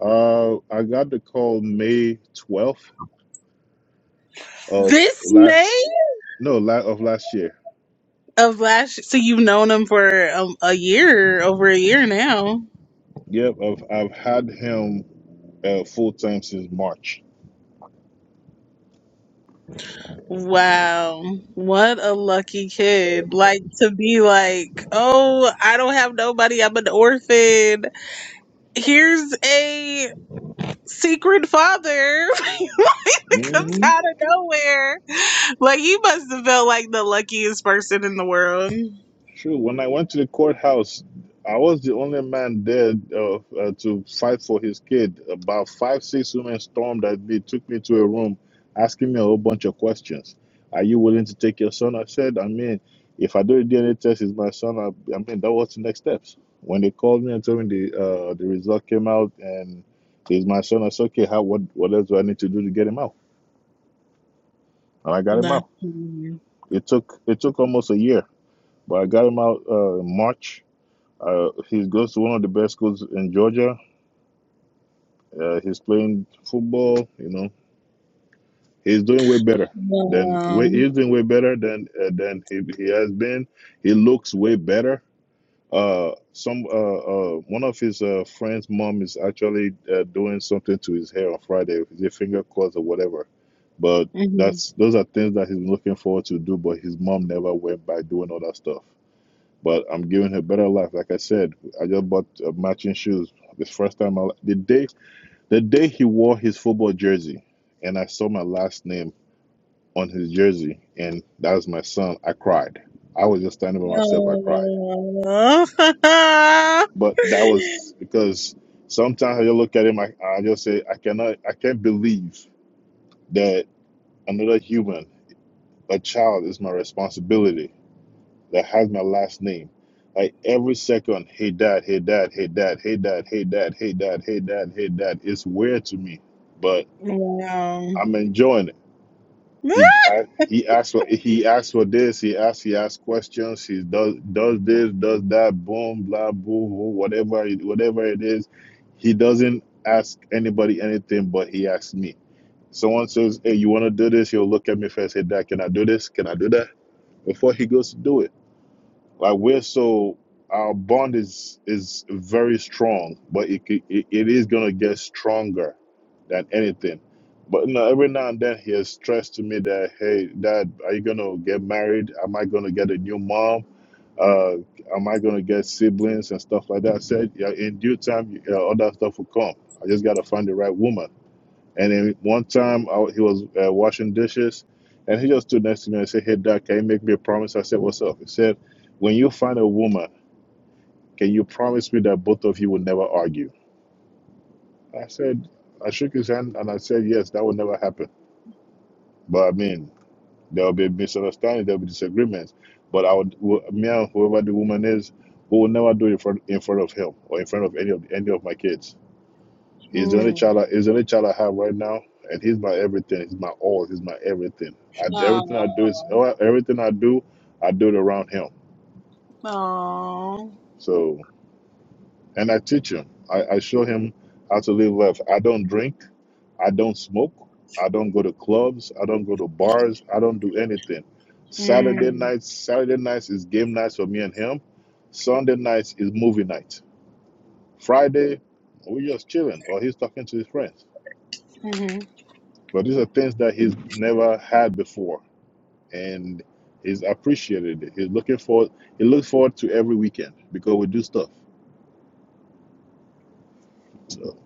Uh, I got the call May twelfth of This last May No, la- of last year. of last. So you've known him for um, a year, over a year now. Yep, I've I've had him uh, full time since March. Wow, what a lucky kid. Like to be like, oh, I don't have nobody, I'm an orphan. Here's a secret father comes out of nowhere. Like you must have felt like the luckiest person in the world. True. When I went to the courthouse, I was the only man there uh, uh, to fight for his kid. About five, six women stormed at me, took me to a room, asking me a whole bunch of questions. Are you willing to take your son? I said, I mean, if I do a DNA test, is my son? I, I mean, that was the next steps. When they called me and told me the uh, the result came out and is my son, I said, okay, how what what else do I need to do to get him out? And I got him That's out. amazing. It took it took almost a year, but I got him out uh, in March Uh, he goes to one of the best schools in Georgia. Uh, he's playing football. You know, he's doing way better than wow. way he's doing way better than uh, than he, he has been. He looks way better. Uh, some uh, uh, one of his uh, friends' mom is actually uh, doing something to his hair on Friday. Is it finger cuts or whatever? But Mhm. that's those are things that he's looking forward to do. But his mom never went by doing all that stuff. But I'm giving her better life. Like I said, I just bought uh, matching shoes. This first time, I, the day the day he wore his football jersey, and I saw my last name on his jersey, and that was my son. I cried. I was just standing by myself. I cried. Aw. But that was because sometimes I just look at him. I, I just say, I cannot. I can't believe that another human, a child, is my responsibility that has my last name. Like every second, hey dad, hey dad, hey dad, hey dad, hey dad, hey dad, hey dad, hey dad. It's weird to me, but wow. I'm enjoying it. He I, he asks for he asks for this. He asks he asks questions. He does does this, does that. Boom, blah, boo, boo, whatever it, whatever it is. He doesn't ask anybody anything, but he asks me. Someone says, "Hey, you want to do this?" He'll look at me first. Hey, dad, can I do this? Can I do that? Before he goes to do it. Like we're so our bond is is very strong, but it it, it is gonna get stronger than anything. But you know, every now and then he has stressed to me that hey, Dad, are you gonna get married? Am I gonna get a new mom? Uh, am I gonna get siblings and stuff like that? I said, yeah, in due time, uh, all that stuff will come. I just gotta find the right woman. And then one time I, he was uh, washing dishes, and he just stood next to me and said, "Hey, Dad, can you make me a promise?" I said, "What's up?" He said, "When you find a woman, can you promise me that both of you will never argue?" I said, I shook his hand and I said, "Yes, that will never happen." But I mean, there will be misunderstanding, there will be disagreements, but I would, wh- me and whoever the woman is, we will never do it in front, in front of him or in front of any of any of my kids He's the only Mm. child. I, he's the only child I have right now, and he's my everything. He's my all. He's my everything. I, Aw. everything I do is well, everything I do. I do it around him. Aw. So, and I teach him. I, I show him how to live life. I don't drink. I don't smoke. I don't go to clubs. I don't go to bars. I don't do anything. Saturday Mm, nights. Saturday nights is game nights for me and him. Sunday nights is movie night. Friday, we just chilling, or he's talking to his friends. hmm But these are things that he's never had before, and he's appreciated. it. He's looking forward. He looks forward to every weekend because we do stuff. So,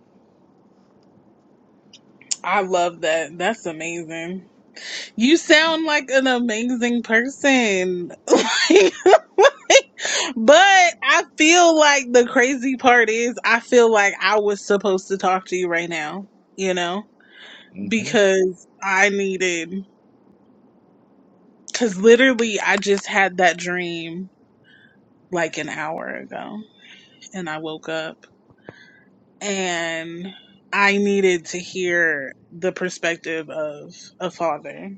I love that. That's amazing. You sound like an amazing person. Like, but I feel like the crazy part is I feel like I was supposed to talk to you right now, you know, hmm because I needed, because literally I just had that dream like an hour ago and I woke up and I needed to hear the perspective of a father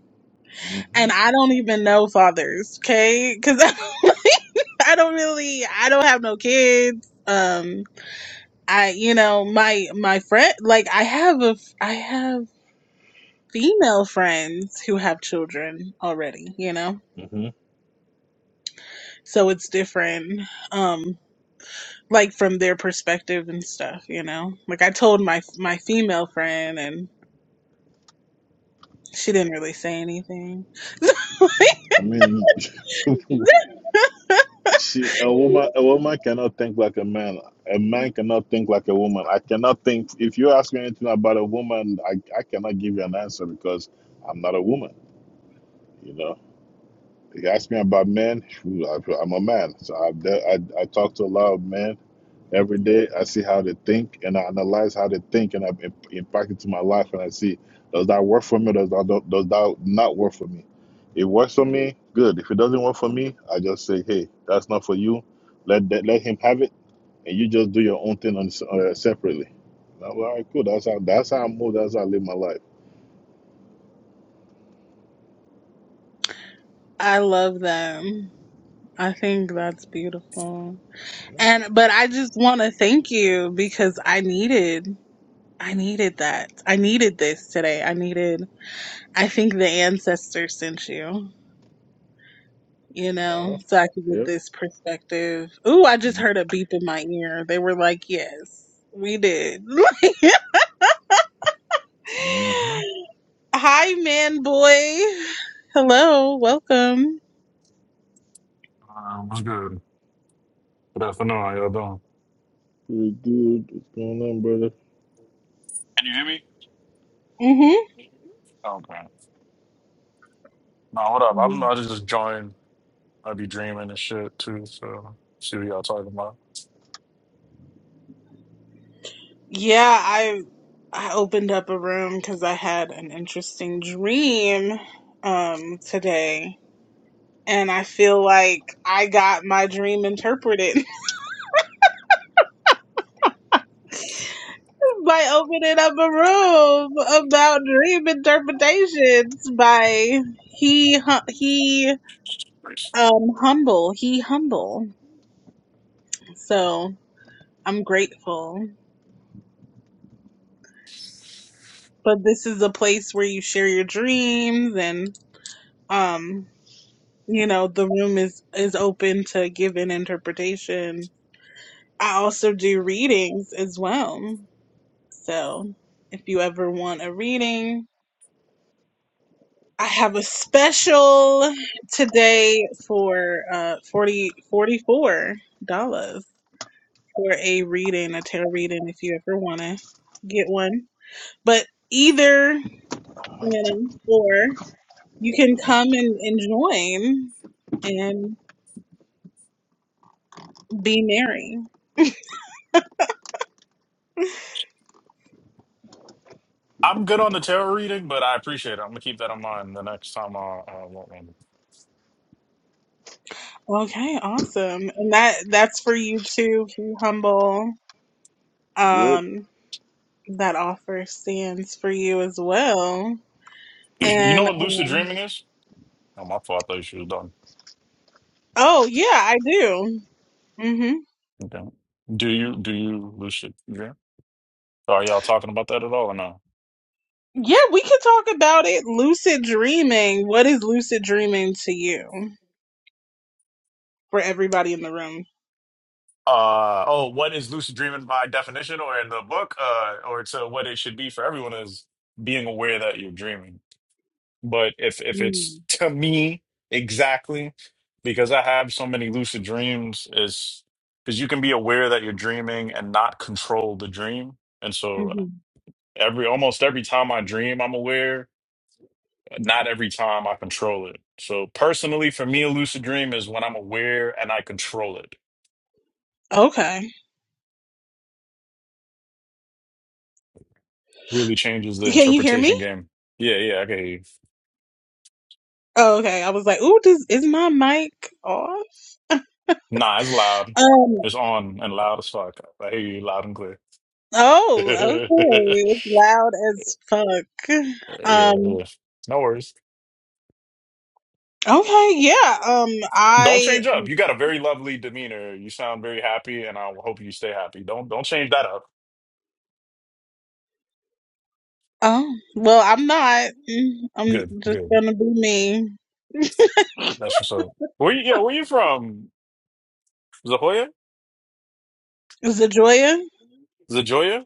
hmm and I don't even know fathers, okay? Because I don't really, I don't have no kids. Um, I, you know, my my friend, like I have a, f- I have female friends who have children already, you know, hmm so it's different. Um, like from their perspective and stuff, you know. Like I told my my female friend, and she didn't really say anything. I mean, she a woman. A woman cannot think like a man. A man cannot think like a woman. I cannot think. If you ask me anything about a woman, I I cannot give you an answer because I'm not a woman. You know. If you ask me about men, I- am a man. So I, I I talk to a lot of men Every day I see how they think and I analyze how they think and i impact it to my life and I see does that work for me or does that, does that not work for me? It works for me, good. If it doesn't work for me, I just say, hey, that's not for you. Let that, let him have it and you just do your own thing on, uh, separately. And I'm like, all right, cool. That's how that's how I move. That's how I live my life. I love them. I think that's beautiful. Yeah, And but I just want to thank you because I needed I needed that. I needed this today. I needed I think the ancestor sent you, you know, wow. so I could get Yep. this perspective. Ooh, I just heard a beep in my ear. They were like, "Yes, we did." Mm-hmm. Hi man boy. Hello, welcome. Um, I'm good. Good afternoon. How y'all doing? Pretty good. What's going on, brother? Can you hear me? Mhm. Okay. No, what up? I'm I just joined. I be dreaming and shit too. So see what y'all talking about. Yeah, I I opened up a room because I had an interesting dream um today, and I feel like I got my dream interpreted by opening up a room about dream interpretations by he Hu- he Nice. um humble he humble. So I'm grateful, but this is a place where you share your dreams and um. you know the room is is open to giving interpretation i also do readings as well so if you ever want a reading i have a special today for uh 40 forty-four dollars for a reading a tarot reading if you ever want to get one but either you know or you can come and, and join and be merry I'm good on the tarot reading, but I appreciate it. I'm gonna keep that in mind the next time I, I want one. Okay, awesome. And that that's for you too, be humble. Yep. Um, that offer stands for you as well. you know And what lucid um, dreaming is? Oh, my fault. I thought you was done. oh yeah, I do. hmm Okay. Do you do you lucid dream? Are y'all talking about that at all or no? Yeah, we could talk about it. Lucid dreaming. What is lucid dreaming to you? For everybody in the room. uh oh what is lucid dreaming by definition or in the book uh or to what it should be for everyone is being aware that you're dreaming but if if Mm-hmm. it's to me exactly because i have so many lucid dreams is because you can be aware that you're dreaming and not control the dream and so Mm-hmm. every almost every time i dream i'm aware not every time i control it so personally for me a lucid dream is when i'm aware and i control it Okay. really changes the Can you hear me? interpretation game. Yeah, yeah, I can hear you. Oh, okay. I was like, ooh, does, is my mic off? Nah, it's loud. Um, It's on and loud as fuck. I hear you loud and clear. Oh, yeah, okay. It's loud as fuck. Um, yeah. No worries. okay, yeah. Um, Don't I, change up. You got a very lovely demeanor. You sound very happy, and I hope you stay happy. Don't don't change that up. oh, well, I'm not. Mm, I'm Good, just good. gonna be me. That's what's up. Where you? Yeah, where you from? Zahoya? Zajoya? Zajoya?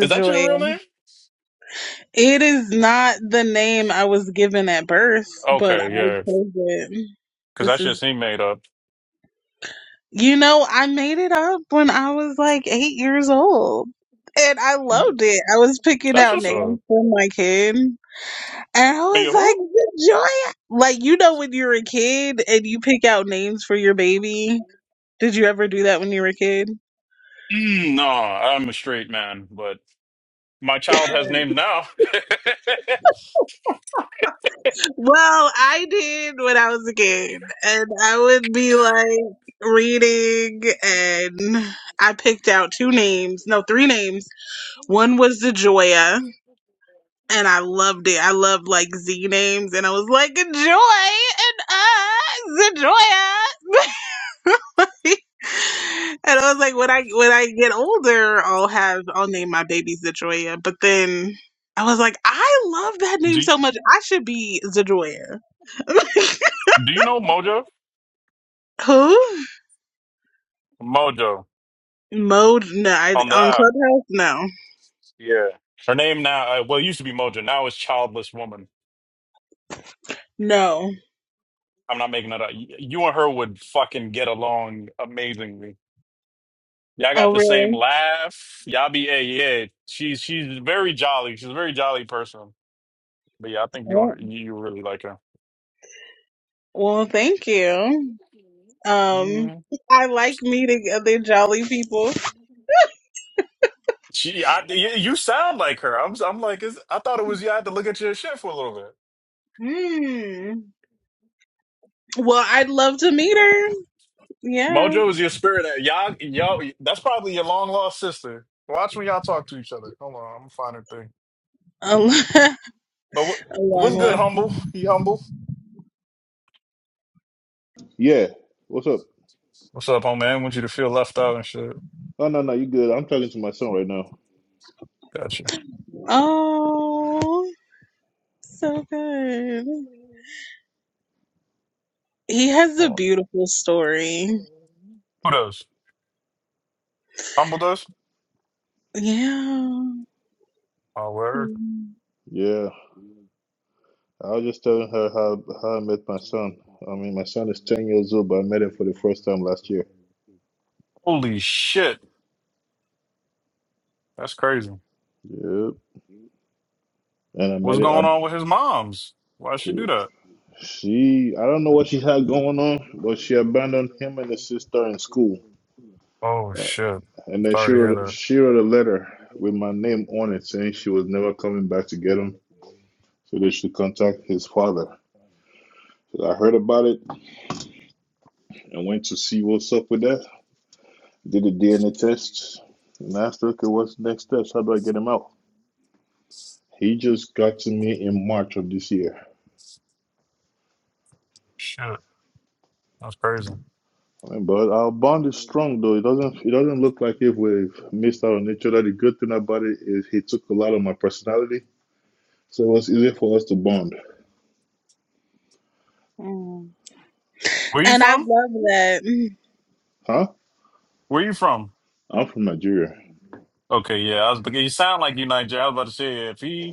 Is that your real name? It is not the name I was given at birth, but Okay, I yeah. chose it. Because This that shit is, seemed made up. you know, I made it up when I was like eight years old. And I loved it. I was picking That's out what's up. names for my kid. And I But you was who? like, "Good joy. Like, you know, when you're a kid and you pick out names for your baby. Did you ever do that when you were a kid? Mm, no, I'm a straight man, but My child has names now. Well, I did when I was a kid. And I would be like reading, and I picked out two names no, three names. One was the Joya, and I loved it. I loved like Z names, and I was like, Joy and uh, Zajoya. and I was like, when I when I get older, I'll have I'll name my babies Zedroya. But then I was like, I love that name do so much. I should be Zedroya. Do you know Mojo? Who? Mojo Mode? No, I, on the on app. Clubhouse? No, Yeah. Her name now. Uh, well, it used to be Mojo. Now it's Childless Woman. no. I'm not making that up. Y- You and her would fucking get along amazingly. Y'all Oh, got the same really? laugh. Y'all be a yeah. She's she's very jolly. She's a very jolly person. But yeah, I think you and her, Oh, you you really like her. Well, thank you. Um, Mhm. I like meeting other jolly people. She, I, you you sound like her. I'm, I'm like, is, I thought it was you. I had to look at your shit for a little bit. Hmm. Well, I'd love to meet her. Yeah, Mojo is your spirit. a- Y'all, yo, that's probably your long lost sister. Watch when y'all talk to each other. Hold on, I'm gonna find her thing. a a But what, what's good, long, humble? He humble. Yeah. What's up? What's up, homie? I didn't want you to feel left out and shit. No, no, no. You good? I'm talking to my son right now. Gotcha. Oh, so good. He has a Hold beautiful story. on. Who does? Humble does. Yeah. Oh, word. Mm. Yeah, I was just telling her how how I met my son. I mean, my son is ten years old, but I met him for the first time last year. Holy shit, that's crazy. Yep, and I met What's it. I going on with his mom's? Why'd she do she, that? she I don't know what she had going on, but she abandoned him and his sister in school, Oh A- shit. and then she Sorry to hear wrote that. she wrote a letter with my name on it saying she was never coming back to get him, so they should contact his father. So I heard about it and went to see what's up with that. Did a DNA test and asked her, okay, what's the next steps? How do I get him out? He just got to me in March of this year. Shit, that's crazy. But our bond is strong though. It doesn't it doesn't look like if we've missed out on each other. The good thing about it is he took a lot of my personality. So it was easier for us to bond. And Where you I from? love that. And Huh? Where you from? I'm from Nigeria. Okay, yeah, I was. You sound like you Nigerian. I was about to say if he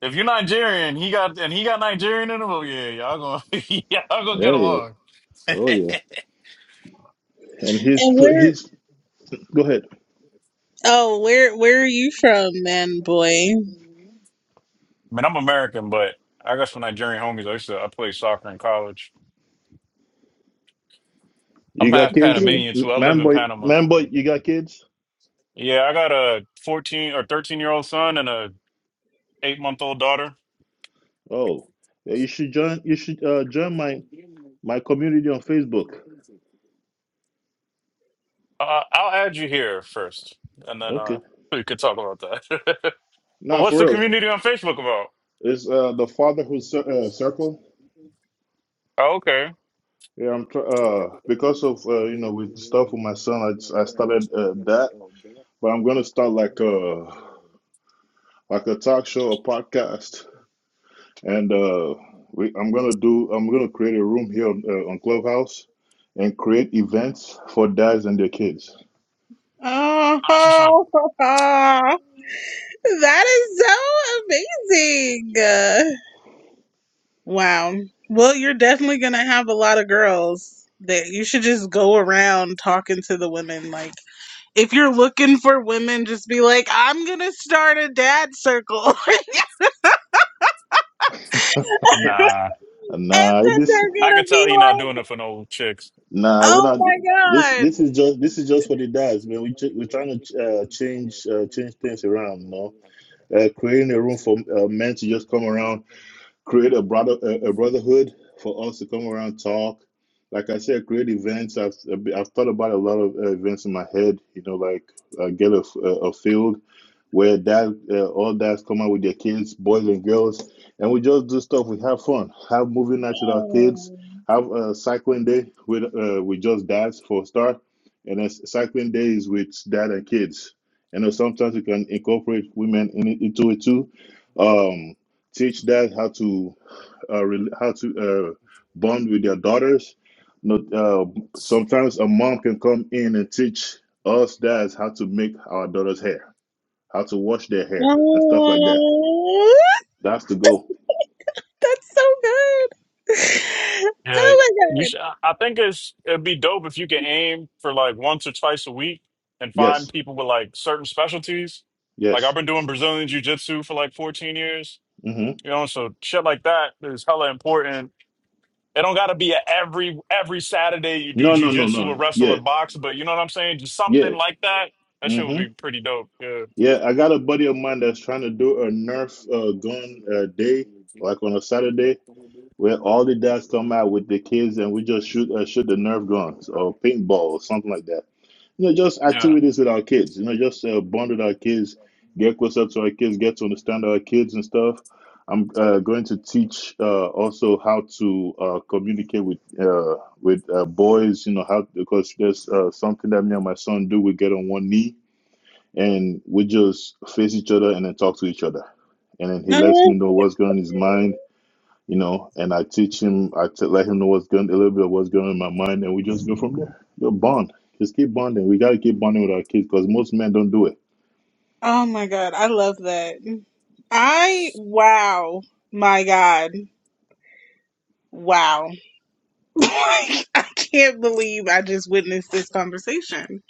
If you're Nigerian, he got and he got Nigerian in him. Oh yeah, y'all gonna y'all gonna Yeah, get yeah. along. I Oh yeah. And his where his go ahead. oh, where where are you from, man boy? mean, I'm American, but I got some Nigerian homies. I used to I played soccer in college. I'm You got half kids? Mm. Panamanian too. I live Man in boy Panama. man boy, you got kids? Yeah, I got a 14 or 13 year old son and a eight month old daughter. Oh. Yeah, you should join you should uh, join my my community on Facebook. Uh, I'll add you here first, and then uh, Okay. we could talk about that. Well, Nah, What's for the real. community on Facebook about? It's uh the fatherhood uh, circle Oh, okay. Yeah, I'm try uh because of uh you know with stuff with my son, I just, I started uh, that, but I'm gonna start like uh like a talk show, a podcast, and uh we I'm gonna do I'm gonna create a room here on, uh, on Clubhouse and create events for dads and their kids. Ah, That's what's up. Oh, that is so amazing. Uh, Wow. Well, you're definitely gonna have a lot of girls that you should just go around talking to the women like if you're looking for women, just be like, I'm gonna start a dad circle. and Nah, And then nah, this they're I gonna could tell be he not like, doing it for no chicks. nah we're oh not my this god. this is just this is just for the dads, man. We ch- we're trying to uh, change uh, change things around, you know. Uh, creating a room for uh, men to just come around create a brother a, a brotherhood for us to come around talk like i said create events i've i've thought about a lot of uh, events in my head you know like uh, get a, f- a- a field where dad uh, all dads come out with their kids boys and girls and we just do stuff we have fun have movie nights with our kids have a cycling day with uh, with just dads for a start and then cycling days with dad and kids you know sometimes you can incorporate women in, into it too um teach dad how to uh, rel- how to uh, bond with their daughters. No, uh, sometimes a mom can come in and teach us dads how to make our daughters' hair, how to wash their hair, and stuff like that. Oh, That's the goal. that's so good. Yeah, Oh my you should. I I think it's it'd be dope if you could aim for like once or twice a week and find Yes, people with like certain specialties. Like yes. I've been doing Brazilian jiu-jitsu for like 14 years, hmm you know, so shit like that is hella important. It don't gotta be a every every Saturday you do No, no, no, jiu-jitsu or no. wrestle or Yeah, box, but you know what I'm saying? Just something yeah. like that. That shit would hmm be pretty dope. Yeah. Yeah, I got a buddy of mine that's trying to do a Nerf uh, gun uh, day, like on a Saturday, where all the dads come out with the kids and we just shoot uh, shoot the Nerf guns or paintball or something like that. you know, just Yeah. activities with our kids. You know, just uh, bond with our kids, get closer to our kids, get to understand our kids and stuff. I'm uh, going to teach uh, also how to uh, communicate with uh, with uh, boys. You know how because there's uh, something that me and my son do. We get on one knee and we just face each other and then talk to each other, and then he god. lets me Oh know what's going on in his mind you know, and I teach him, I t- let him know what's going, a little bit of what's going on in my mind, and we just go from there. You bond, just keep bonding. We gotta keep bonding with our kids because most men don't do it. oh my god. I love that. I, wow. My god. Wow. Like, I can't believe I just witnessed this conversation.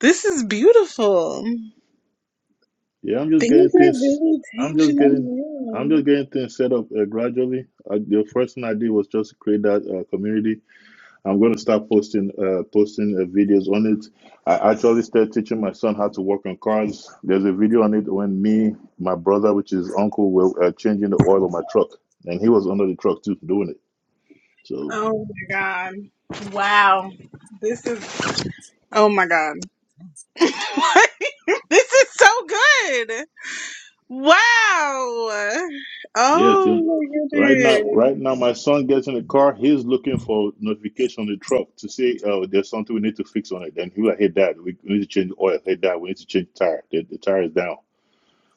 This is beautiful. Yeah, I'm just getting Things are things, really I'm just getting, I'm just changing getting things set up uh, gradually. I, the first thing I did was just create that uh, community. I'm gonna start posting, uh, posting uh, videos on it. I actually started teaching my son how to work on cars. There's a video on it when me, my brother, which is uncle, were uh, changing the oil on my truck, and he was under the truck too doing it. around. So Oh my god. Wow. This is oh my god. this is so good. Wow. yeah, Oh to, my right now, right goodness. now, my son gets in the car. He's looking for notification on the truck to say, "Oh, there's something we need to fix on it." Then he's like, "Hey, Dad, we we need to change the oil. Hey, Dad, we need to change the tire. The, the tire is down."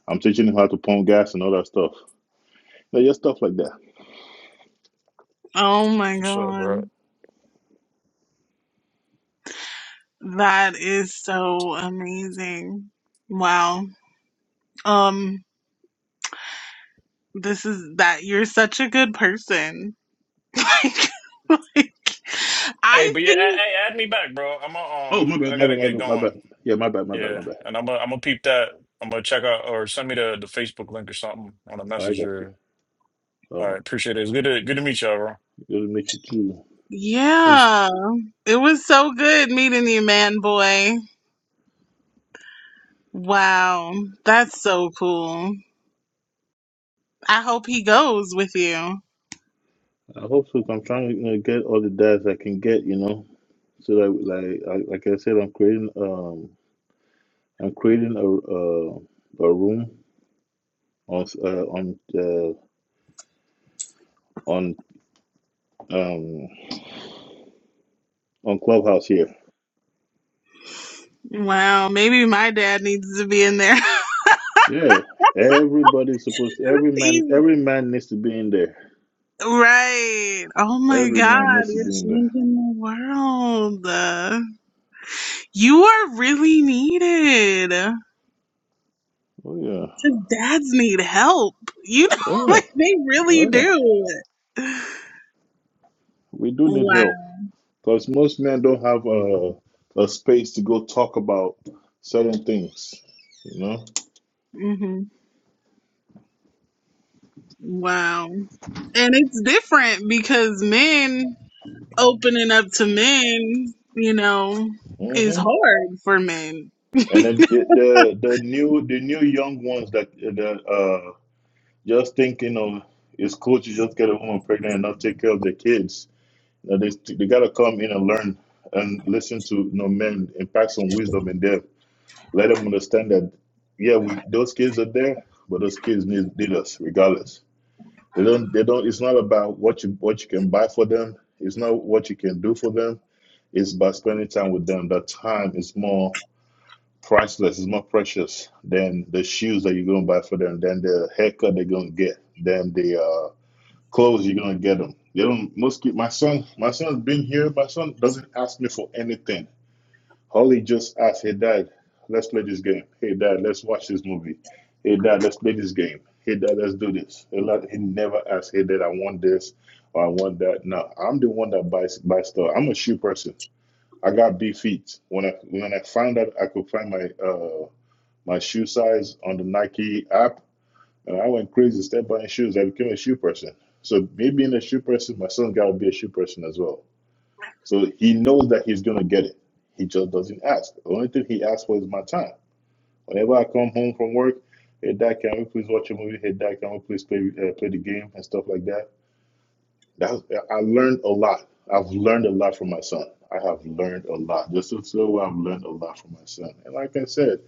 I'm teaching him how to pump gas and all that stuff. Like, just stuff like that. Oh my For sure, god. bro. That is so amazing. Wow. Um this is that you're such a good person. like like Hey, I but yeah, hey, think hey, add me back, bro. I'm a, Oh, um my bad, I my bad, gotta my get bad, my going. bad. Yeah, my bad, my bad, my Yeah, bad. and I'm gonna I'm gonna peep that. I'm gonna check out or send me the the Facebook link or something on a I message. got you. Or all Uh, right, appreciate it. It's good to good to meet y'all, bro. it'll meet you too. Peace. Yeah, it was so good meeting you, man boy. Wow, that's so cool. I hope he goes with you. I hope so. 'cause I'm trying to you know, get all the dads I can get, you know, so that like I, like I said, I'm creating. um. I'm creating a uh, a room on uh, on uh, on um on Clubhouse here. Wow, maybe my dad needs to be in there. Yeah, everybody's supposed. To, every man, He- every man needs to be in there. right. Oh my Every man God, needs you're to be in there. changing the world. Uh, You are really needed. 'Cause Oh yeah, dads need help. You know, oh yeah, like they really oh yeah. do. We do need Wow. help because most men don't have a a space to go talk about certain things. You know. hmm Wow. And it's different because men opening up to men, you know, is hmm hard for men. And then the, the the new the new young ones that the Just think, you know, it's cool to just get a woman pregnant and not take care of their kids. Now they they gotta come in and learn and listen to you know men impact some wisdom in them. Let them understand that yeah, we those kids are there, but those kids need need us regardless. They don't they don't it's not about what you what you can buy for them. It's not what you can do for them. It's by spending time with them. That time is more priceless, it's more precious than the shoes that you're gonna buy for them, than the haircut they're gonna get, than the uh. Clothes, you're gonna get them. They don't. Most kid, my son, my son's been here. My son doesn't ask me for anything. All he just asks, "Hey dad, let's play this game. Hey dad, let's watch this movie. Hey dad, let's play this game. Hey dad, let's do this." He lo- he never asks, "Hey dad, I want this or I want that." No, I'm the one that buys buys stuff. I'm a shoe person. I got big feet. When I when I found out I could find my uh my shoe size on the Nike app, and I went crazy, started buying shoes. I became a shoe person. So me being a shoe person, my son's got to be a shoe person as well. So he knows that he's gonna get it. He just doesn't ask. The only thing he asks for is my time. Whenever I come home from work, hey dad, can we please watch a movie? Hey dad, can we please play uh, play the game and stuff like that? That, I learned a lot. I've learned a lot from my son. I have learned a lot. Just so so I've learned a lot from my son. And like I said,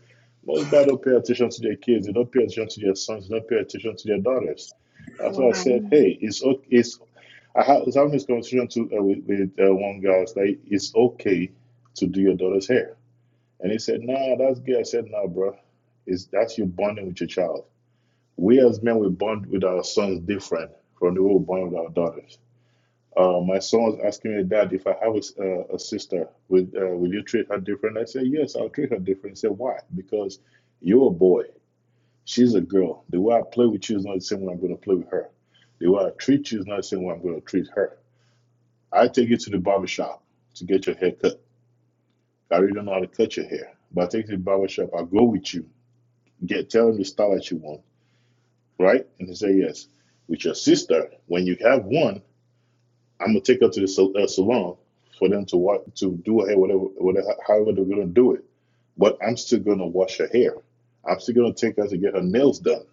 most dads don't pay attention to their kids. They don't pay attention to their sons. They don't pay attention to their daughters. That's why I Wow. said, hey, it's okay. It's, I, ha- I was having this conversation to, uh, with, with uh, one guy. I was like, it's okay to do your daughter's hair. And he said, nah, that's gay. I said, nah, bro. It's, that's you bonding with your child. We as men, we bond with our sons different from the way we bond with our daughters. Uh, my son was asking me, Dad, if I have a, s- uh, a sister, would, uh, will you treat her different? I said, Yes, I'll treat her different. He said, Why? Because you're a boy. She's a girl. The way I play with you is not the same way I'm going to play with her. The way I treat you is not the same way I'm going to treat her. I take you to the barber shop to get your hair cut. I really don't know how to cut your hair, but I take you to the barber shop. I go with you. Get Tell him the style that you want, right? And he said, Yes. With your sister, when you have one, I'm gonna take her to the sal- uh, salon for them to wa to do her hair, whatever, whatever, however they're gonna do it. But I'm still gonna wash her hair. I'm still gonna take her to get her nails done.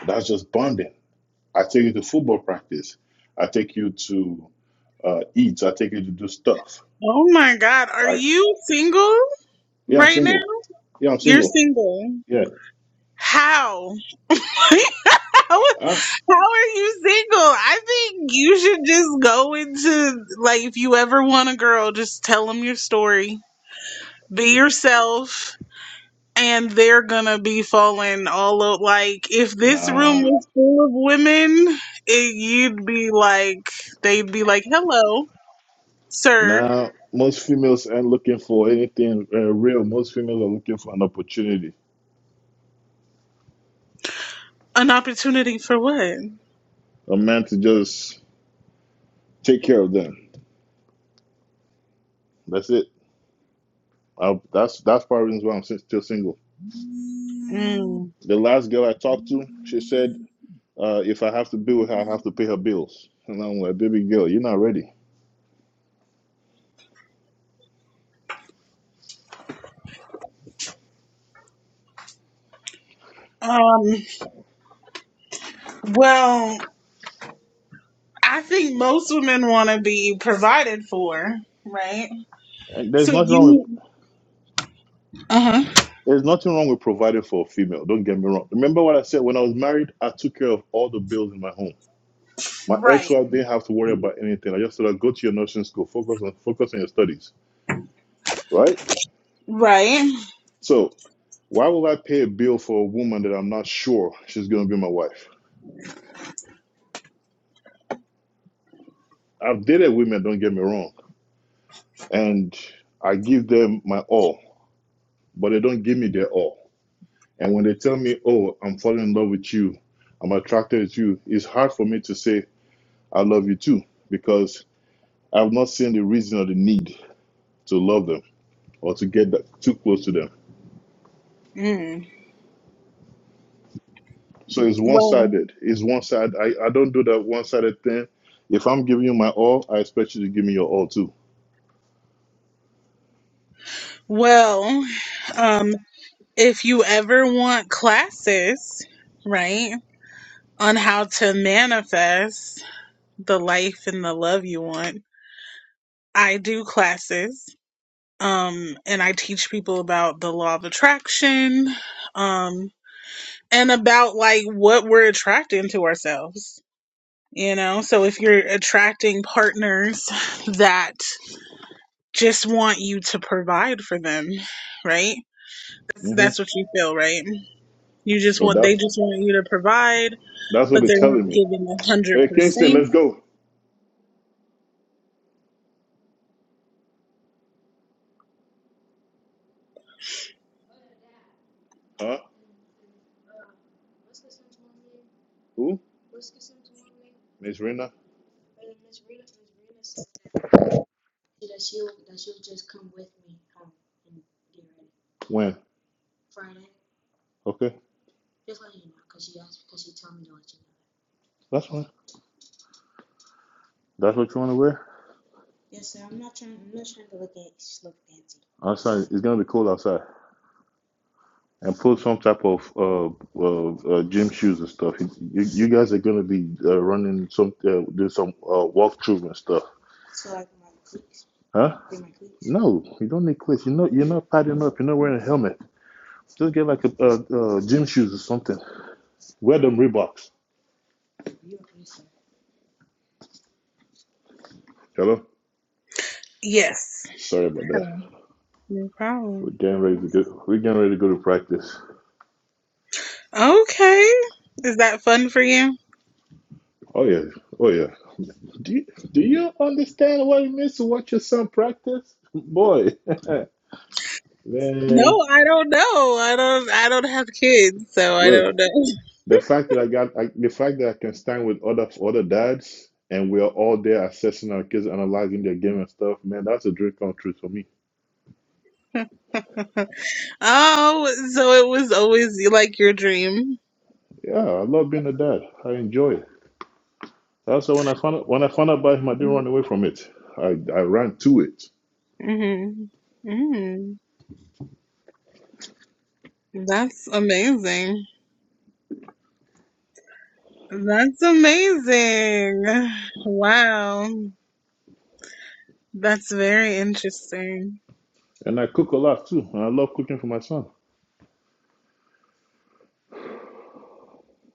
That's just bonding. I take you to football practice. I take you to uh, eat. I take you to do stuff. Oh my God. Are Like, you single yeah, I'm right now? single. Yeah, I'm You're single. single. Yeah. How? How, Ah, how are you single? I think you should just go into, like, if you ever want a girl, just tell them your story. Be yourself. and they're gonna be falling all up. Like if this room nah, was full of women, it, you'd be like, they'd be like, "Hello, sir, nah. Most females aren't looking for anything uh, real. Most females are looking for an opportunity, an opportunity for what?" a man to just take care of them. That's it. I, that's that's part of the reasons why I'm si- still single. Mm. The last girl I talked to, she said, uh, if I have to be with her, I have to pay her bills. And I'm like, baby girl, you're not ready. Um. Well, I think most women want to be provided for, right? And there's So nothing wrong with you, uh huh, there's nothing wrong with providing for a female. Don't get me wrong. Remember what I said when I was married, I took care of all the bills in my home. My right, ex-wife didn't have to worry about anything. I just said, go to your nursing school, focus on focus on your studies, right? right. So why would I pay a bill for a woman that I'm not sure she's gonna be my wife? I've dated women, don't get me wrong and I give them my all, but they don't give me their all. And when they tell me, "Oh, I'm falling in love with you, I'm attracted to you," it's hard for me to say I love you too because I've not seen the reason or the need to love them or to get that too close to them. Mm. So it's Well, one-sided. It's one-sided. I, I don't do that one-sided thing. If I'm giving you my all, I expect you to give me your all too. well, um, if you ever want classes, right? on how to manifest the life and the love you want. I do classes, um, and I teach people about the law of attraction, um, and about like what we're attracting to ourselves. You know, so if you're attracting partners that just want you to provide for them, right? That's, hmm that's what you feel, right? You just So want, they that's just want you to provide, that's what but they're they're telling not me. giving a hundred Hey, Kingston, let's percent. go. Huh? Who? Miss Rena? When? Okay. That's fine. That's what you want to wear. Outside, it's gonna be cold outside. And put some type of uh, uh, uh gym shoes and stuff. You, you you guys are gonna be uh, running some uh, do some uh, walkthrough and stuff, huh? No, you don't need cleats. You know you're not padding up. You're not wearing a helmet. Just get like a, uh uh gym shoes or something. Wear them Reeboks. Hello. Yes. Sorry about that. No We're problem. getting ready to go. We're getting ready to go to practice. Okay. Is that fun for you? Oh yeah. Oh yeah. Do you, do you understand what it means to watch your son practice? Boy, No, man, I don't know. I don't I don't have kids, so I look, don't the fact that I got I, the fact that I can stand with other other dads and we are all there assessing our kids, analyzing their game and stuff, man, that's a dream come true for me. know. oh, so it was always like your dream. Yeah, I love being a dad. I enjoy it. Also, when I found out, when I found out about him, I didn't run away from it. I I ran to it, Mhm. Mm. That's amazing. That's amazing. Wow. That's very interesting. and I cook a lot too, and I love cooking for my son.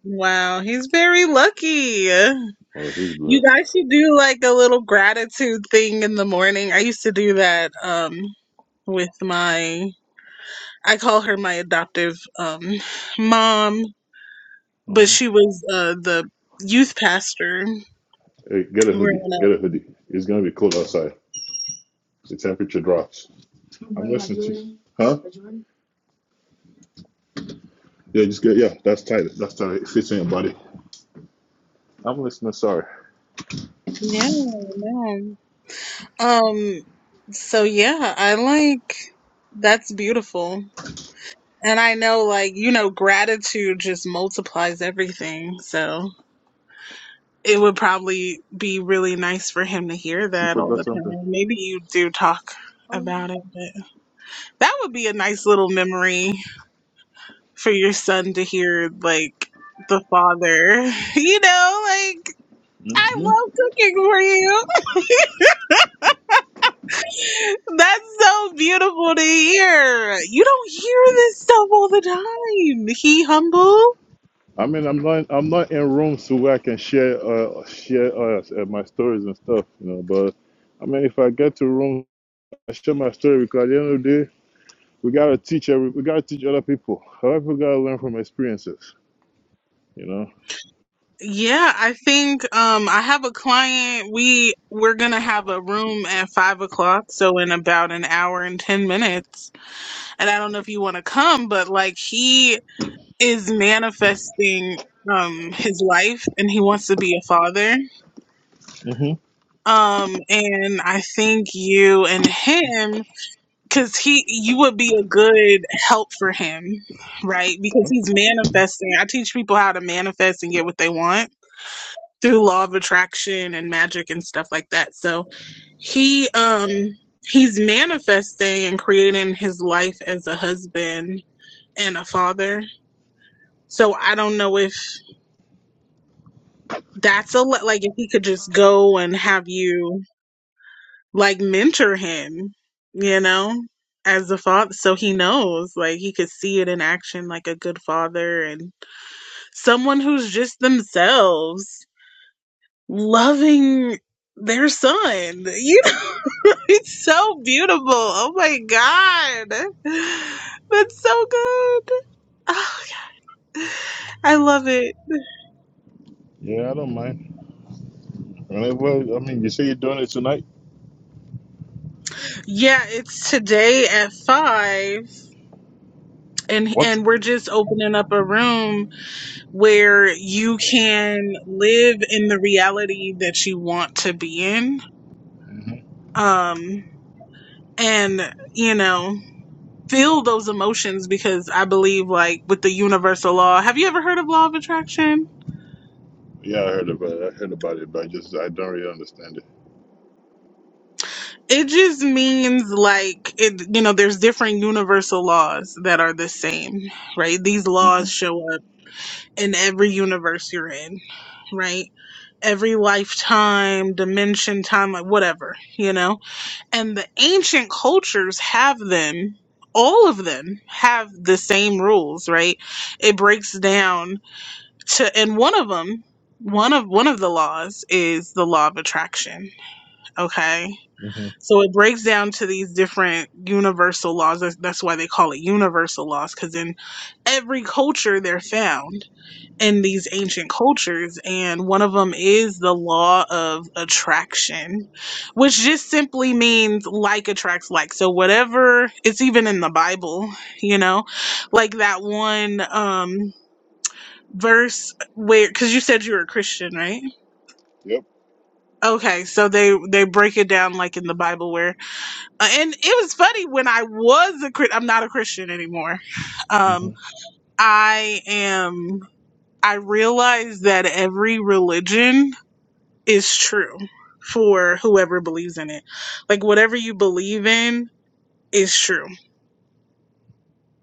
Wow, he's very lucky. Oh, he's You blessed. guys should do like a little gratitude thing in the morning. I used to do that um with my I call her my adoptive um mom, but Uh-huh. she was uh the youth pastor Hey, get a hoodie. growing up. Get a hoodie. It's gonna be cold outside. The temperature drops. I'm listening to Huh? Yeah, just get yeah, that's tight. That's tight. It fits in your body. I'm listening, sorry. Yeah, yeah. Um so yeah, I like that's beautiful. And I know like, you know, gratitude just multiplies everything. So it would probably be really nice for him to hear You that all forgot the something. time. Maybe you do talk about it, but that would be a nice little memory for your son to hear, like the father, you know, like I hmm love cooking for you. That's so beautiful to hear. You don't hear this stuff all the time. He humble. I mean I'm not I'm not in rooms to where I can share uh share uh, uh, my stories and stuff, you know, but I mean if I get to room I share my story because at the end of the day we gotta teach every we gotta teach other people. Other people gotta learn from experiences, you know. Yeah, I think um I have a client. We we're gonna have a room at five o'clock, so in about an hour and ten minutes. And I don't know if you want to come, but like he is manifesting um his life, and he wants to be a father. hmm Um, and I think you and him, because he you would be a good help for him, right? Because he's manifesting. I teach people how to manifest and get what they want through law of attraction and magic and stuff like that. So he um he's manifesting and creating his life as a husband and a father. So I don't know if that's a like if he could just go and have you like mentor him, you know, as a father so he knows like he could see it in action like a good father and someone who's just themselves loving their son, you know. It's so beautiful. Oh my god. That's so good. Oh, I love it. Yeah, I don't mind. Whenever I mean you say you're doing it tonight. Yeah, it's today at 5 and What? and we're just opening up a room where you can live in the reality that you want to be in. Mm-hmm. Um and you know, feel those emotions because I believe like with the universal law. Have you ever heard of law of attraction? Yeah, I heard about it. I heard about it, but I just I don't really understand it. It just means like it, you know, there's different universal laws that are the same, right? These laws Mm-hmm. show up in every universe you're in, right? Every lifetime, dimension, time, like, whatever, you know? And the ancient cultures have them, all of them have the same rules, right? It breaks down to, and one of them, one of one of the laws is the law of attraction, okay? Mm-hmm. So it breaks down to these different universal laws. That's, that's why they call it universal laws, because in every culture they're found in these ancient cultures. And one of them is the law of attraction, which just simply means like attracts like. So whatever, it's even in the Bible, you know, like that one, um, verse where because you said you were a christian right Yep. okay so they they break it down like in the bible where and it was funny when I was a Christian. I'm not a Christian anymore. Mm-hmm. Um, I am. I realized that every religion is true for whoever believes in it. Like whatever you believe in is true.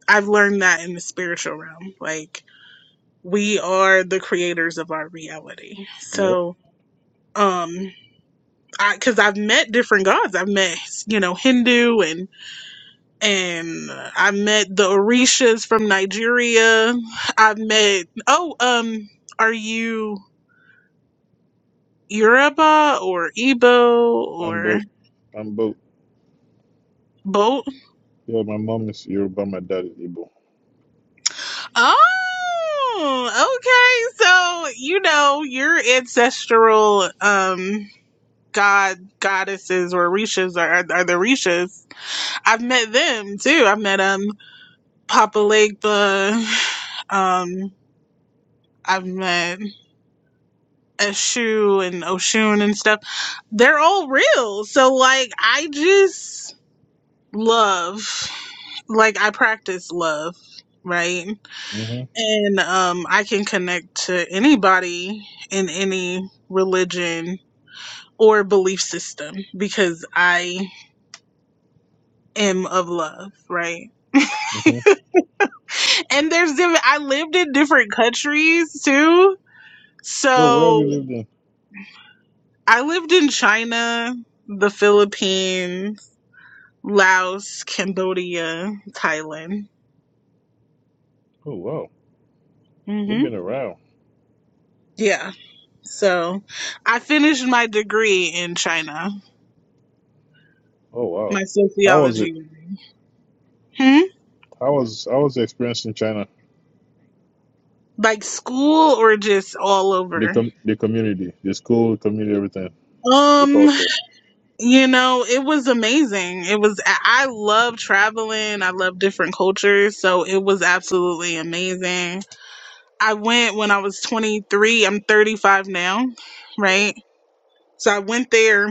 I've learned that in the spiritual realm. Like we are the creators of our reality. Yep. So, um, I because I've met different gods. I've met you know Hindu and and I met the Orishas from Nigeria. I have met oh um are you Yoruba or Igbo I'm or both. I'm both. both? Yeah, my mom is Yoruba, my dad is Igbo. Oh okay. So you know your ancestral um god goddesses or Orishas are are, are the Orishas. I've met them too. I've met um Papa Legba. Um I've met Eshu and Oshun and stuff, they're all real. So like I just love like I practice love, right? Mm-hmm. And um I can connect to anybody in any religion or belief system because I am of love, right? Mm-hmm. And there's diff- I lived in different countries too. Oh, where have So you lived in? I lived in China, the Philippines, Laos, Cambodia, Thailand. Oh wow. You've hmm been around. Yeah. So I finished my degree in China, Oh my wow. How was it? sociology degree. Hmm? How was how was the experience in China? Like school or just all The over? com- the community, the school, the community, everything, the Um, culture. you know, it was amazing. It was, I I love traveling. I love different cultures. So it was absolutely amazing. I went when I was 23. I'm 35 now, right? So I went there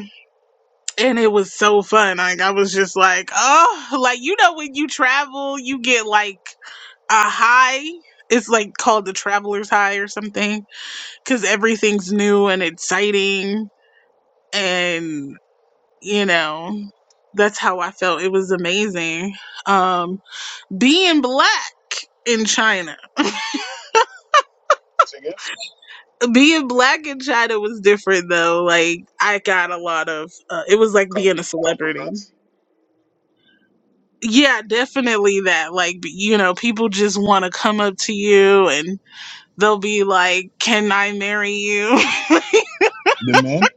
and it was so fun. Like I was just like, oh, like you know when you travel, you get like a high. It's like called the traveler's high or something because everything's new and exciting, and you know that's how I felt. It was amazing. Um, being black in China, Say again? being black in China was different though. Like I got a lot of. Uh, it was like Com- being a celebrity. compliments. Yeah, definitely that. Like, b- you know, people just want to come up to you and they'll be like, Can I marry you? The men?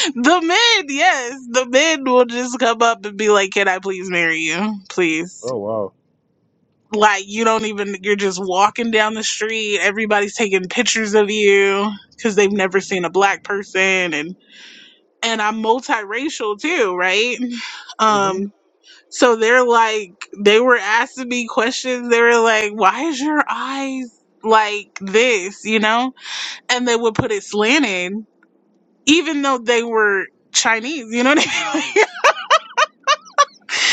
the men, yes, the men will just come up and be like, Can I please marry you? Please. Oh wow. Like, you don't even, you're just walking down the street. Everybody's taking pictures of you because they've never seen a black person. And, and I'm multiracial too, right? Mm-hmm. Um, So they're like, they were asking me questions. They were like, why is your eyes like this, you know? And they would put it slanted, even though they were Chinese, you know what I mean?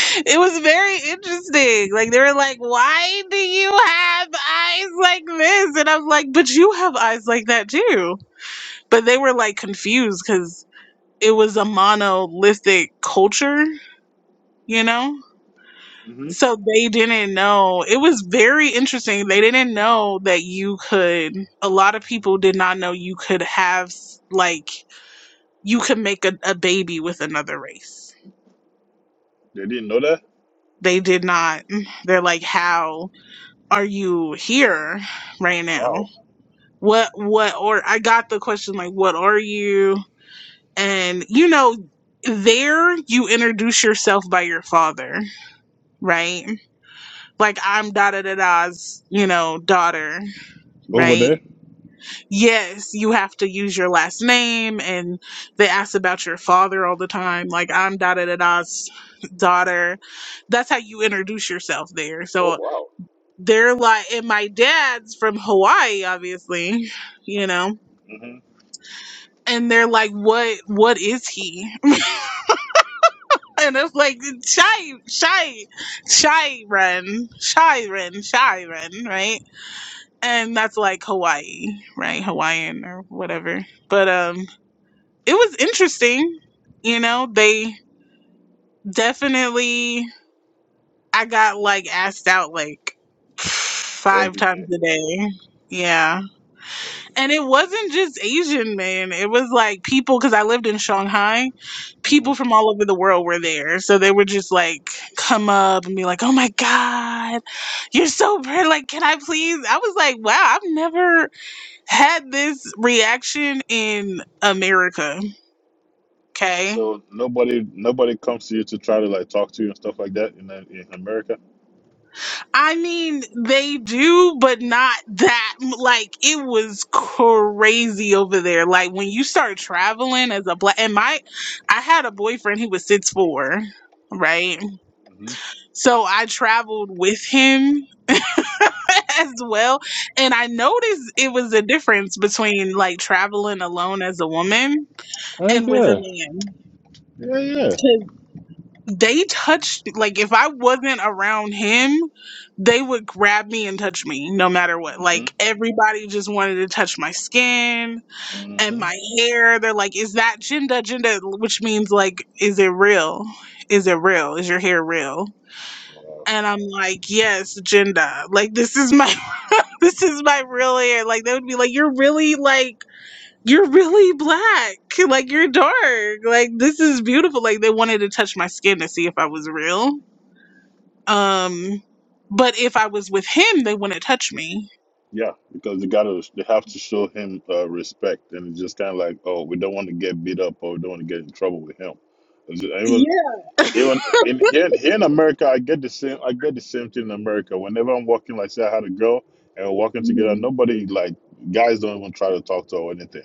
it was very interesting. Like, they were like, why do you have eyes like this? And I was like, but you have eyes like that too. But they were like confused because it was a monolithic culture, you know? Mm-hmm. So they didn't know. It was very interesting. They didn't know that you could, a lot of people did not know you could have, like, you could make a, a baby with another race. They didn't know that? They did not. They're like, how are you here right now? Wow. What, what, or I got the question, like, what are you? And, you know, there you introduce yourself by your father, right? Like, I'm da da da da's, you know, daughter, Over right? there? yes, you have to use your last name. And they ask about your father all the time. Like, I'm da da da da's daughter. That's how you introduce yourself there. Oh So wow. they're like, and my dad's from Hawaii, obviously, you know. Mm-hmm. And they're like, what? What is he? and it's like, shy, shy, shy, run, shy, run, shy, run, right? And that's like Hawaii, right? Hawaiian or whatever. But um, it was interesting. You know, they definitely I got like asked out like five every times day. a day. Yeah. And it wasn't just Asian men. It was like people cuz I lived in Shanghai. Mm-hmm. People from all over the world were there. So they would just like come up and be like, "Oh my god, you're so pretty. Like, can I please?" I was like, "Wow, I've never had this reaction in America." Okay? So nobody nobody comes to you to try to like talk to you and stuff like that in uh, in America. I mean, they do, but not that. Like, it was crazy over there. Like, when you start traveling as a black, and my, I had a boyfriend, he was six four, right? Mm-hmm. So I traveled with him as well. And I noticed it was a difference between like traveling alone as a woman Heck and with a yeah, man. yeah, yeah. they touched like if I wasn't around him, they would grab me and touch me no matter what. hmm Like everybody just wanted to touch my skin and hmm my hair. They're like, "Is that Jinda Jinda?" Which means like, "Is it real? Is it real? Is your hair real?" Uh, And I'm like, "Yes, Jinda. Like this is my this is my real hair." Like they would be like, "You're really like." You're really black. Like you're dark. Like this is beautiful. Like they wanted to touch my skin to see if I was real um, but if I was with him, they wouldn't touch me. yeah, because they gotta they have to show him uh, respect, and it's just kind of like, oh, we don't want to get beat up or we don't want to get in trouble with him. It's just- Even Yeah. even in here here in America, I get the same I get the same thing in America. Whenever I'm walking, like say I had a girl and we're walking together, Mhm. nobody like guys don't even try to talk to her or anything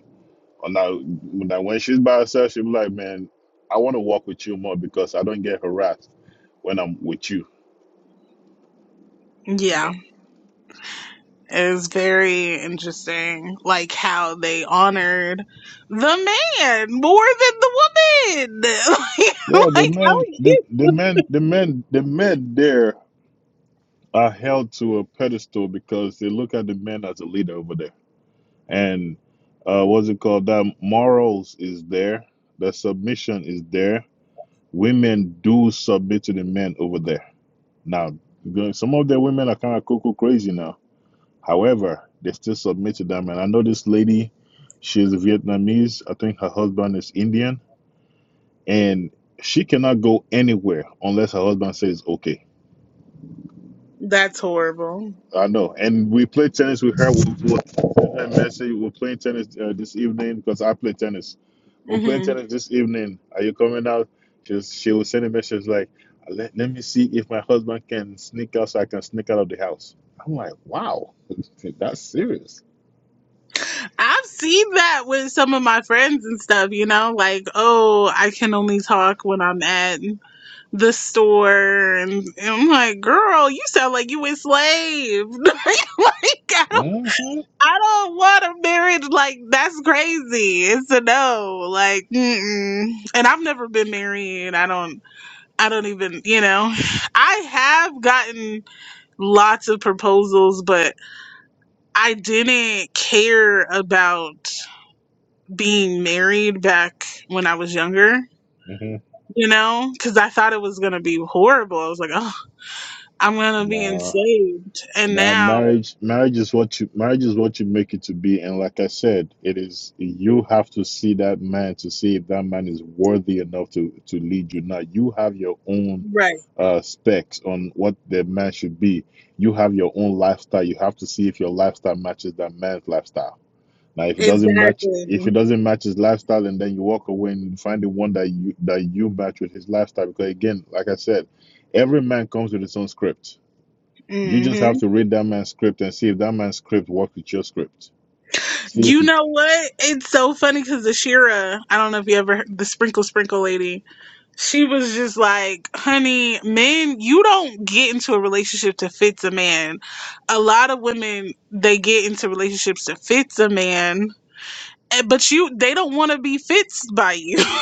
Or Now, now when she's by herself, she'll be like, man, I want to walk with you more because I don't get harassed when I'm with you, you Yeah, know. So, it was very interesting, like how they honored the man more than the woman. like, yeah, the like I men, would the, the men, the men, the men there are held to a pedestal because they look at the men as a leader over there. And uh, what's it called? That morals is there. The submission is there. Women do submit to the men over there. Now, some of the women are kind of cuckoo crazy now However, they still submit to them. And I know this lady, she's Vietnamese. I think her husband is Indian. And she cannot go anywhere unless her husband says okay. that's horrible. I know. And we play tennis with her. We'll, send her message. We're playing tennis uh, this evening because I play tennis. We're playing hmm tennis this evening. Are you coming out? she she will send a message like, let, let me see if my husband can sneak out so I can sneak out of the house. I'm like, wow, that's serious. I've seen that with some of my friends and stuff, you know, like, oh, I can only talk when I'm at the store and, and I'm like, girl, you sound like you enslaved. like I don't Mhm. I don't want a marriage like that's crazy. It's a no. Like mm-mm. and I've never been married. I don't I don't even, you know. I have gotten lots of proposals, but I didn't care about being married back when I was younger, hmm you know, cuz I thought it was going to be horrible. I was like, "Oh, I'm gonna be Now, enslaved. And now, now, marriage, marriage is what you, marriage is what you make it to be. And like I said, it is you have to see that man to see if that man is worthy enough to to lead you. Now, you have your own right, uh specs on what the man should be. You have your own lifestyle. You have to see if your lifestyle matches that man's lifestyle. Now, if it doesn't match, if exactly. it doesn't match his lifestyle, and then you walk away and find the one that you that you match with his lifestyle. Because again, like I said, every man comes with his own script you just hmm have to read that man's script and see if that man's script works with your script. See if You you. know what? It's so funny because the Shira, I don't know if you ever heard the Sprinkle Sprinkle lady. She was just like, "Honey, men, you don't get into a relationship to fit a man. A lot of women they get into relationships to fit a man." eh, But you, they don't want to be fits by you.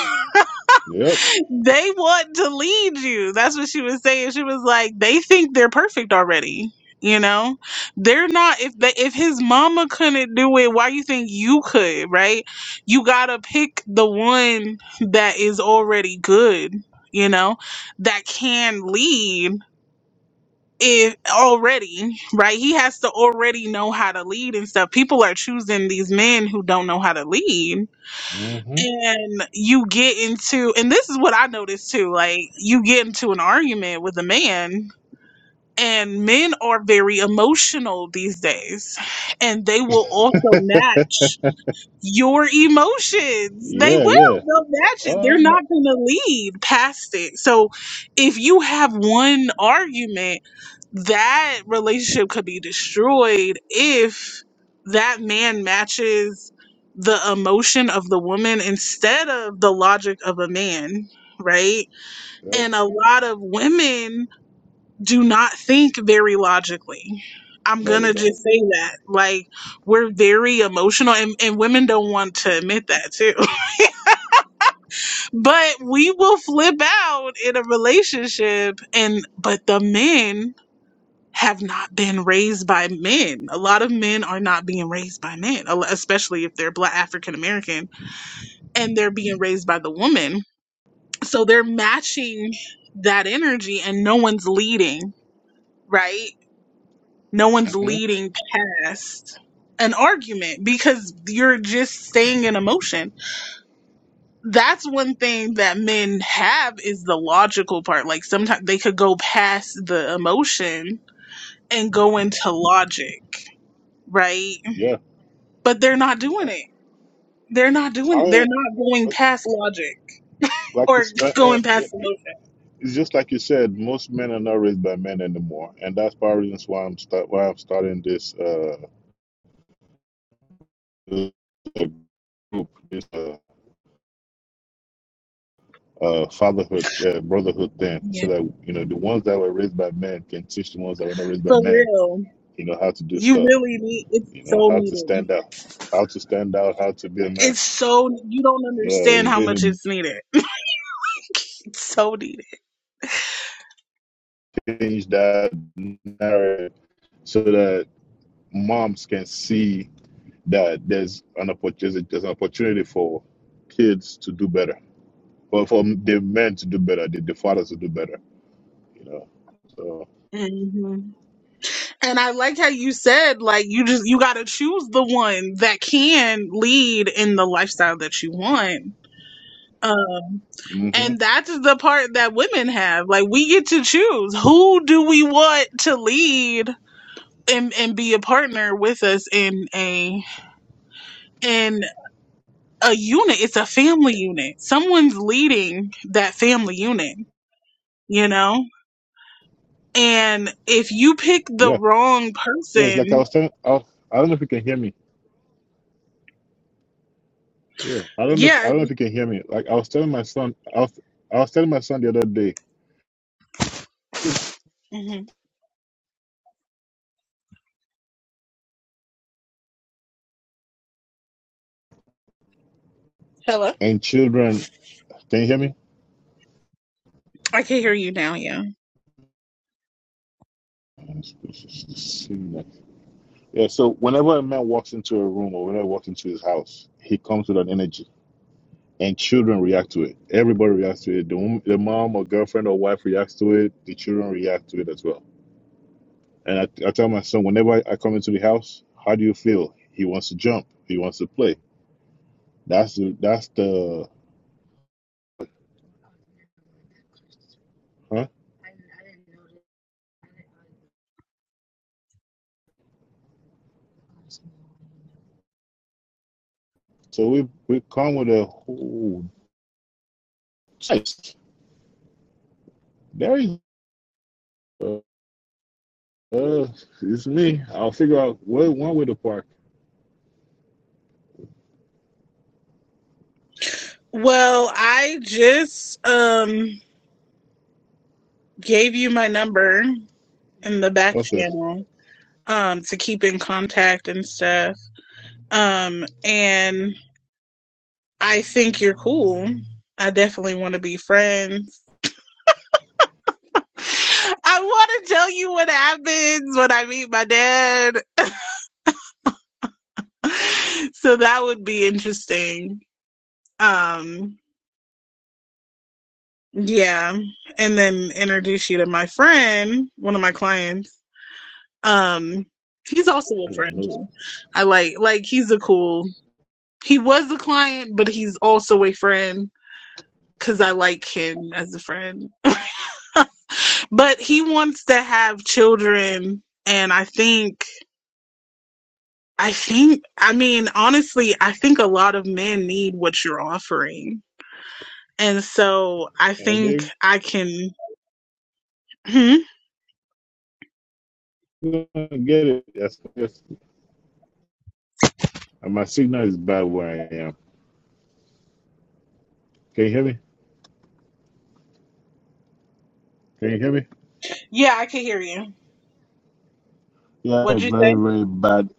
Yep. They want to lead you. That's what she was saying. She was like, they think they're perfect already. You know, they're not. If they, if his mama couldn't do it, why you think you could? Right? You gotta pick the one that is already good. You know, that can lead if already right he has to already know how to lead and stuff people are choosing these men who don't know how to lead hmm and you get into and this is what i noticed too like you get into an argument with a man and men are very emotional these days and they will also match your emotions they yeah, yeah. will they'll match Uh, it uh, they're no. not going to lead past it so if you have one argument that relationship could be destroyed if that man matches the emotion of the woman instead of the logic of a man, right? Yep. And a lot of women do not think very logically. I'm no, they gonna don't. just say that. Like, we're very emotional, and, and women don't want to admit that too. but we will flip out in a relationship, and but the men have not been raised by men. A lot of men are not being raised by men, a- especially if they're black African American and they're being raised by the woman. So they're matching that energy and no one's leading, right? No one's hmm leading past an argument because you're just staying in emotion. That's one thing that men have is the logical part. Like sometimes they could go past the emotion and go into logic right? Yeah. but they're not doing it. They're not I doing. They're I not going past logic like or it's, uh, uh, going it, past emotion. it- it's just like you said. Most men are not raised by men anymore, and that's part of the reasons why I'm start why I'm starting this uh this, uh, group, this uh, uh fatherhood uh, brotherhood thing, Yeah, so that you know the ones that were raised by men can teach the ones that were not raised by for men real. you know how to do You stuff really need. It's you know so how to needed. stand out how to stand out how to be a man It's so you don't you know understand how you much need it's needed. it's so needed. to change that narrative so that moms can see that there's an opportunity there's an opportunity for kids to do better or for the men to do better the, the fathers to do better you know so hmm And I like how you said like you just you got to choose the one that can lead in the lifestyle that you want. Um, hmm and that's the part that women have. Like we get to choose who do we want to lead and and be a partner with us in a in a unit it's a family unit someone's leading that family unit you know and if you pick the yeah wrong yeah it's like i person was telling I, was- I don't know if you can hear me yeah i don't know if i yeah don't know if you can hear me like i was telling my son i was, I was telling my son the other day mhm. Hello. and children can you hear me I can hear you now, yeah. yeah so whenever a man walks into a room or whenever he walks into his house he comes with an energy and children react to it everybody reacts to it the, wom- the mom or girlfriend or wife reacts to it the children react to it as well and i, I tell my son whenever I, I come into the house how do you feel he wants to jump he wants to play that's the that's the huh so we we come with a whole nice there is Uh, it's me. I'll figure out what one way to park. Well, I just um gave you my number in the back Okay. channel um to keep in contact and stuff. Um and I think you're cool. I definitely want to be friends. I want to tell you what happens when I meet my dad. So that would be interesting. Um, yeah. And then introduce you to my friend, one of my clients. Um, he's also a friend No, too. I like like he's a cool. He was a client, but he's also a friend cuz I like him as a friend. but he wants to have children and i think i think i mean honestly i think a lot of men need what you're offering and so i And think they're i can Hmm? gonna get it. That's that's- and my signal is bad where I am. Can you hear me? Can you hear me? yeah i can hear you Yeah, what'd you very, say very bad.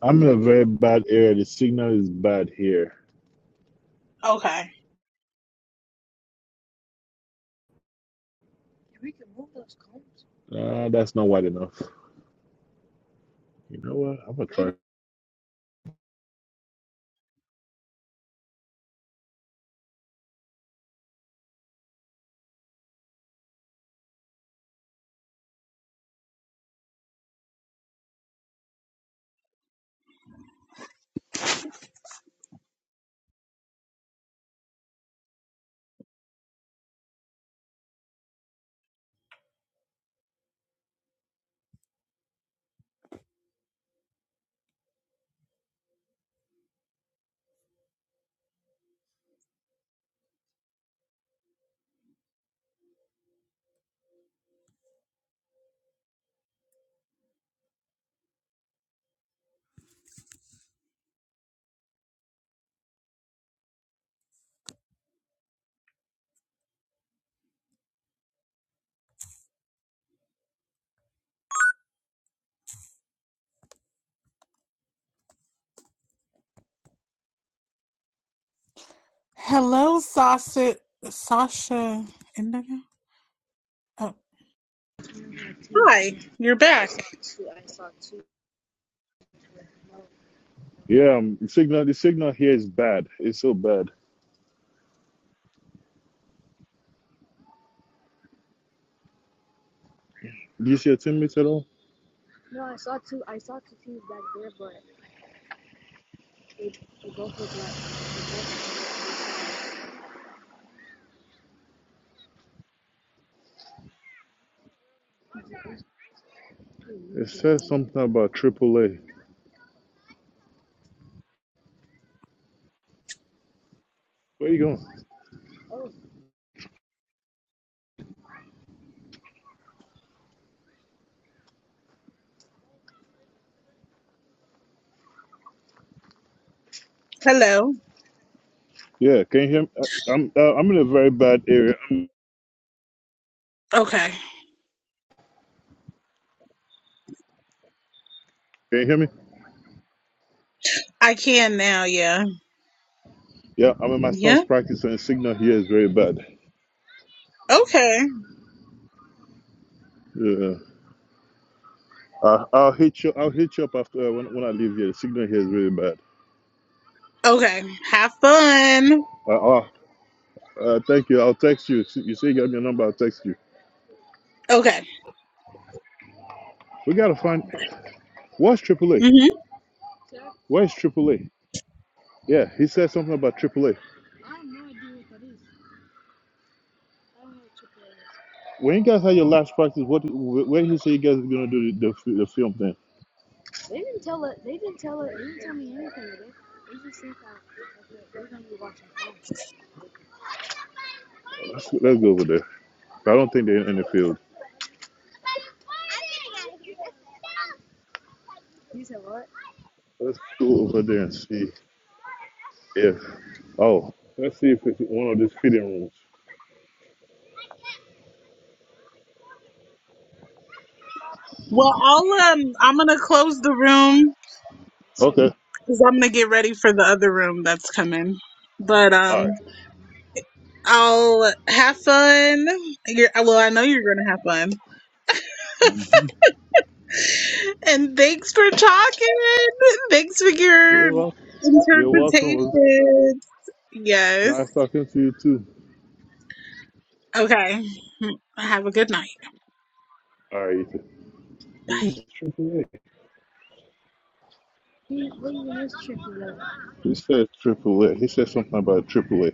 I'm in a very bad area. The signal is bad here. okay uh, that's not wide enough. You know what? I'm gonna try. Hello, Sasha. Sasha Indigo. Oh, hi you're back Yeah, um, the signal. The signal here is bad. It's so bad. Do you see your teammates at all? It says something about AAA. Where you going? hello Yeah, can you hear me? I- I'm uh, I'm in a very bad area. okay Can you hear me? i can now yeah Yeah, I'm in my yeah son's practice, and the signal here is very bad. okay Yeah. Uh, I'll hit you. I'll hit you up after uh, when, when I leave here. The signal here is really bad. okay have fun Uh, uh, uh, thank you. I'll text you. You say you got my number. I'll text you. okay We gotta find Mm. what's AAA. Hmm. Where's AAA? Yeah, he said something about AAA. When you guys had your last practice, what where did he say you guys were gonna do the, the, the film thing? Let's, let's go over there. I don't think they're in the field. Let's go over there and see if. Oh, let's see if it's one of these fitting rooms. Well, I'll um, I'm gonna close the room Okay. because I'm gonna get ready for the other room that's coming. But All um, right. I'll have fun. You're, well, I know you're gonna have fun. Mm-hmm. And thanks for talking. Thanks for your You're welcome. You're welcome. It was interpretation. Yes. nice talking to you too. Okay. Have a good night. All right, Ethan. What is triple A. He said triple A. He said something about triple A.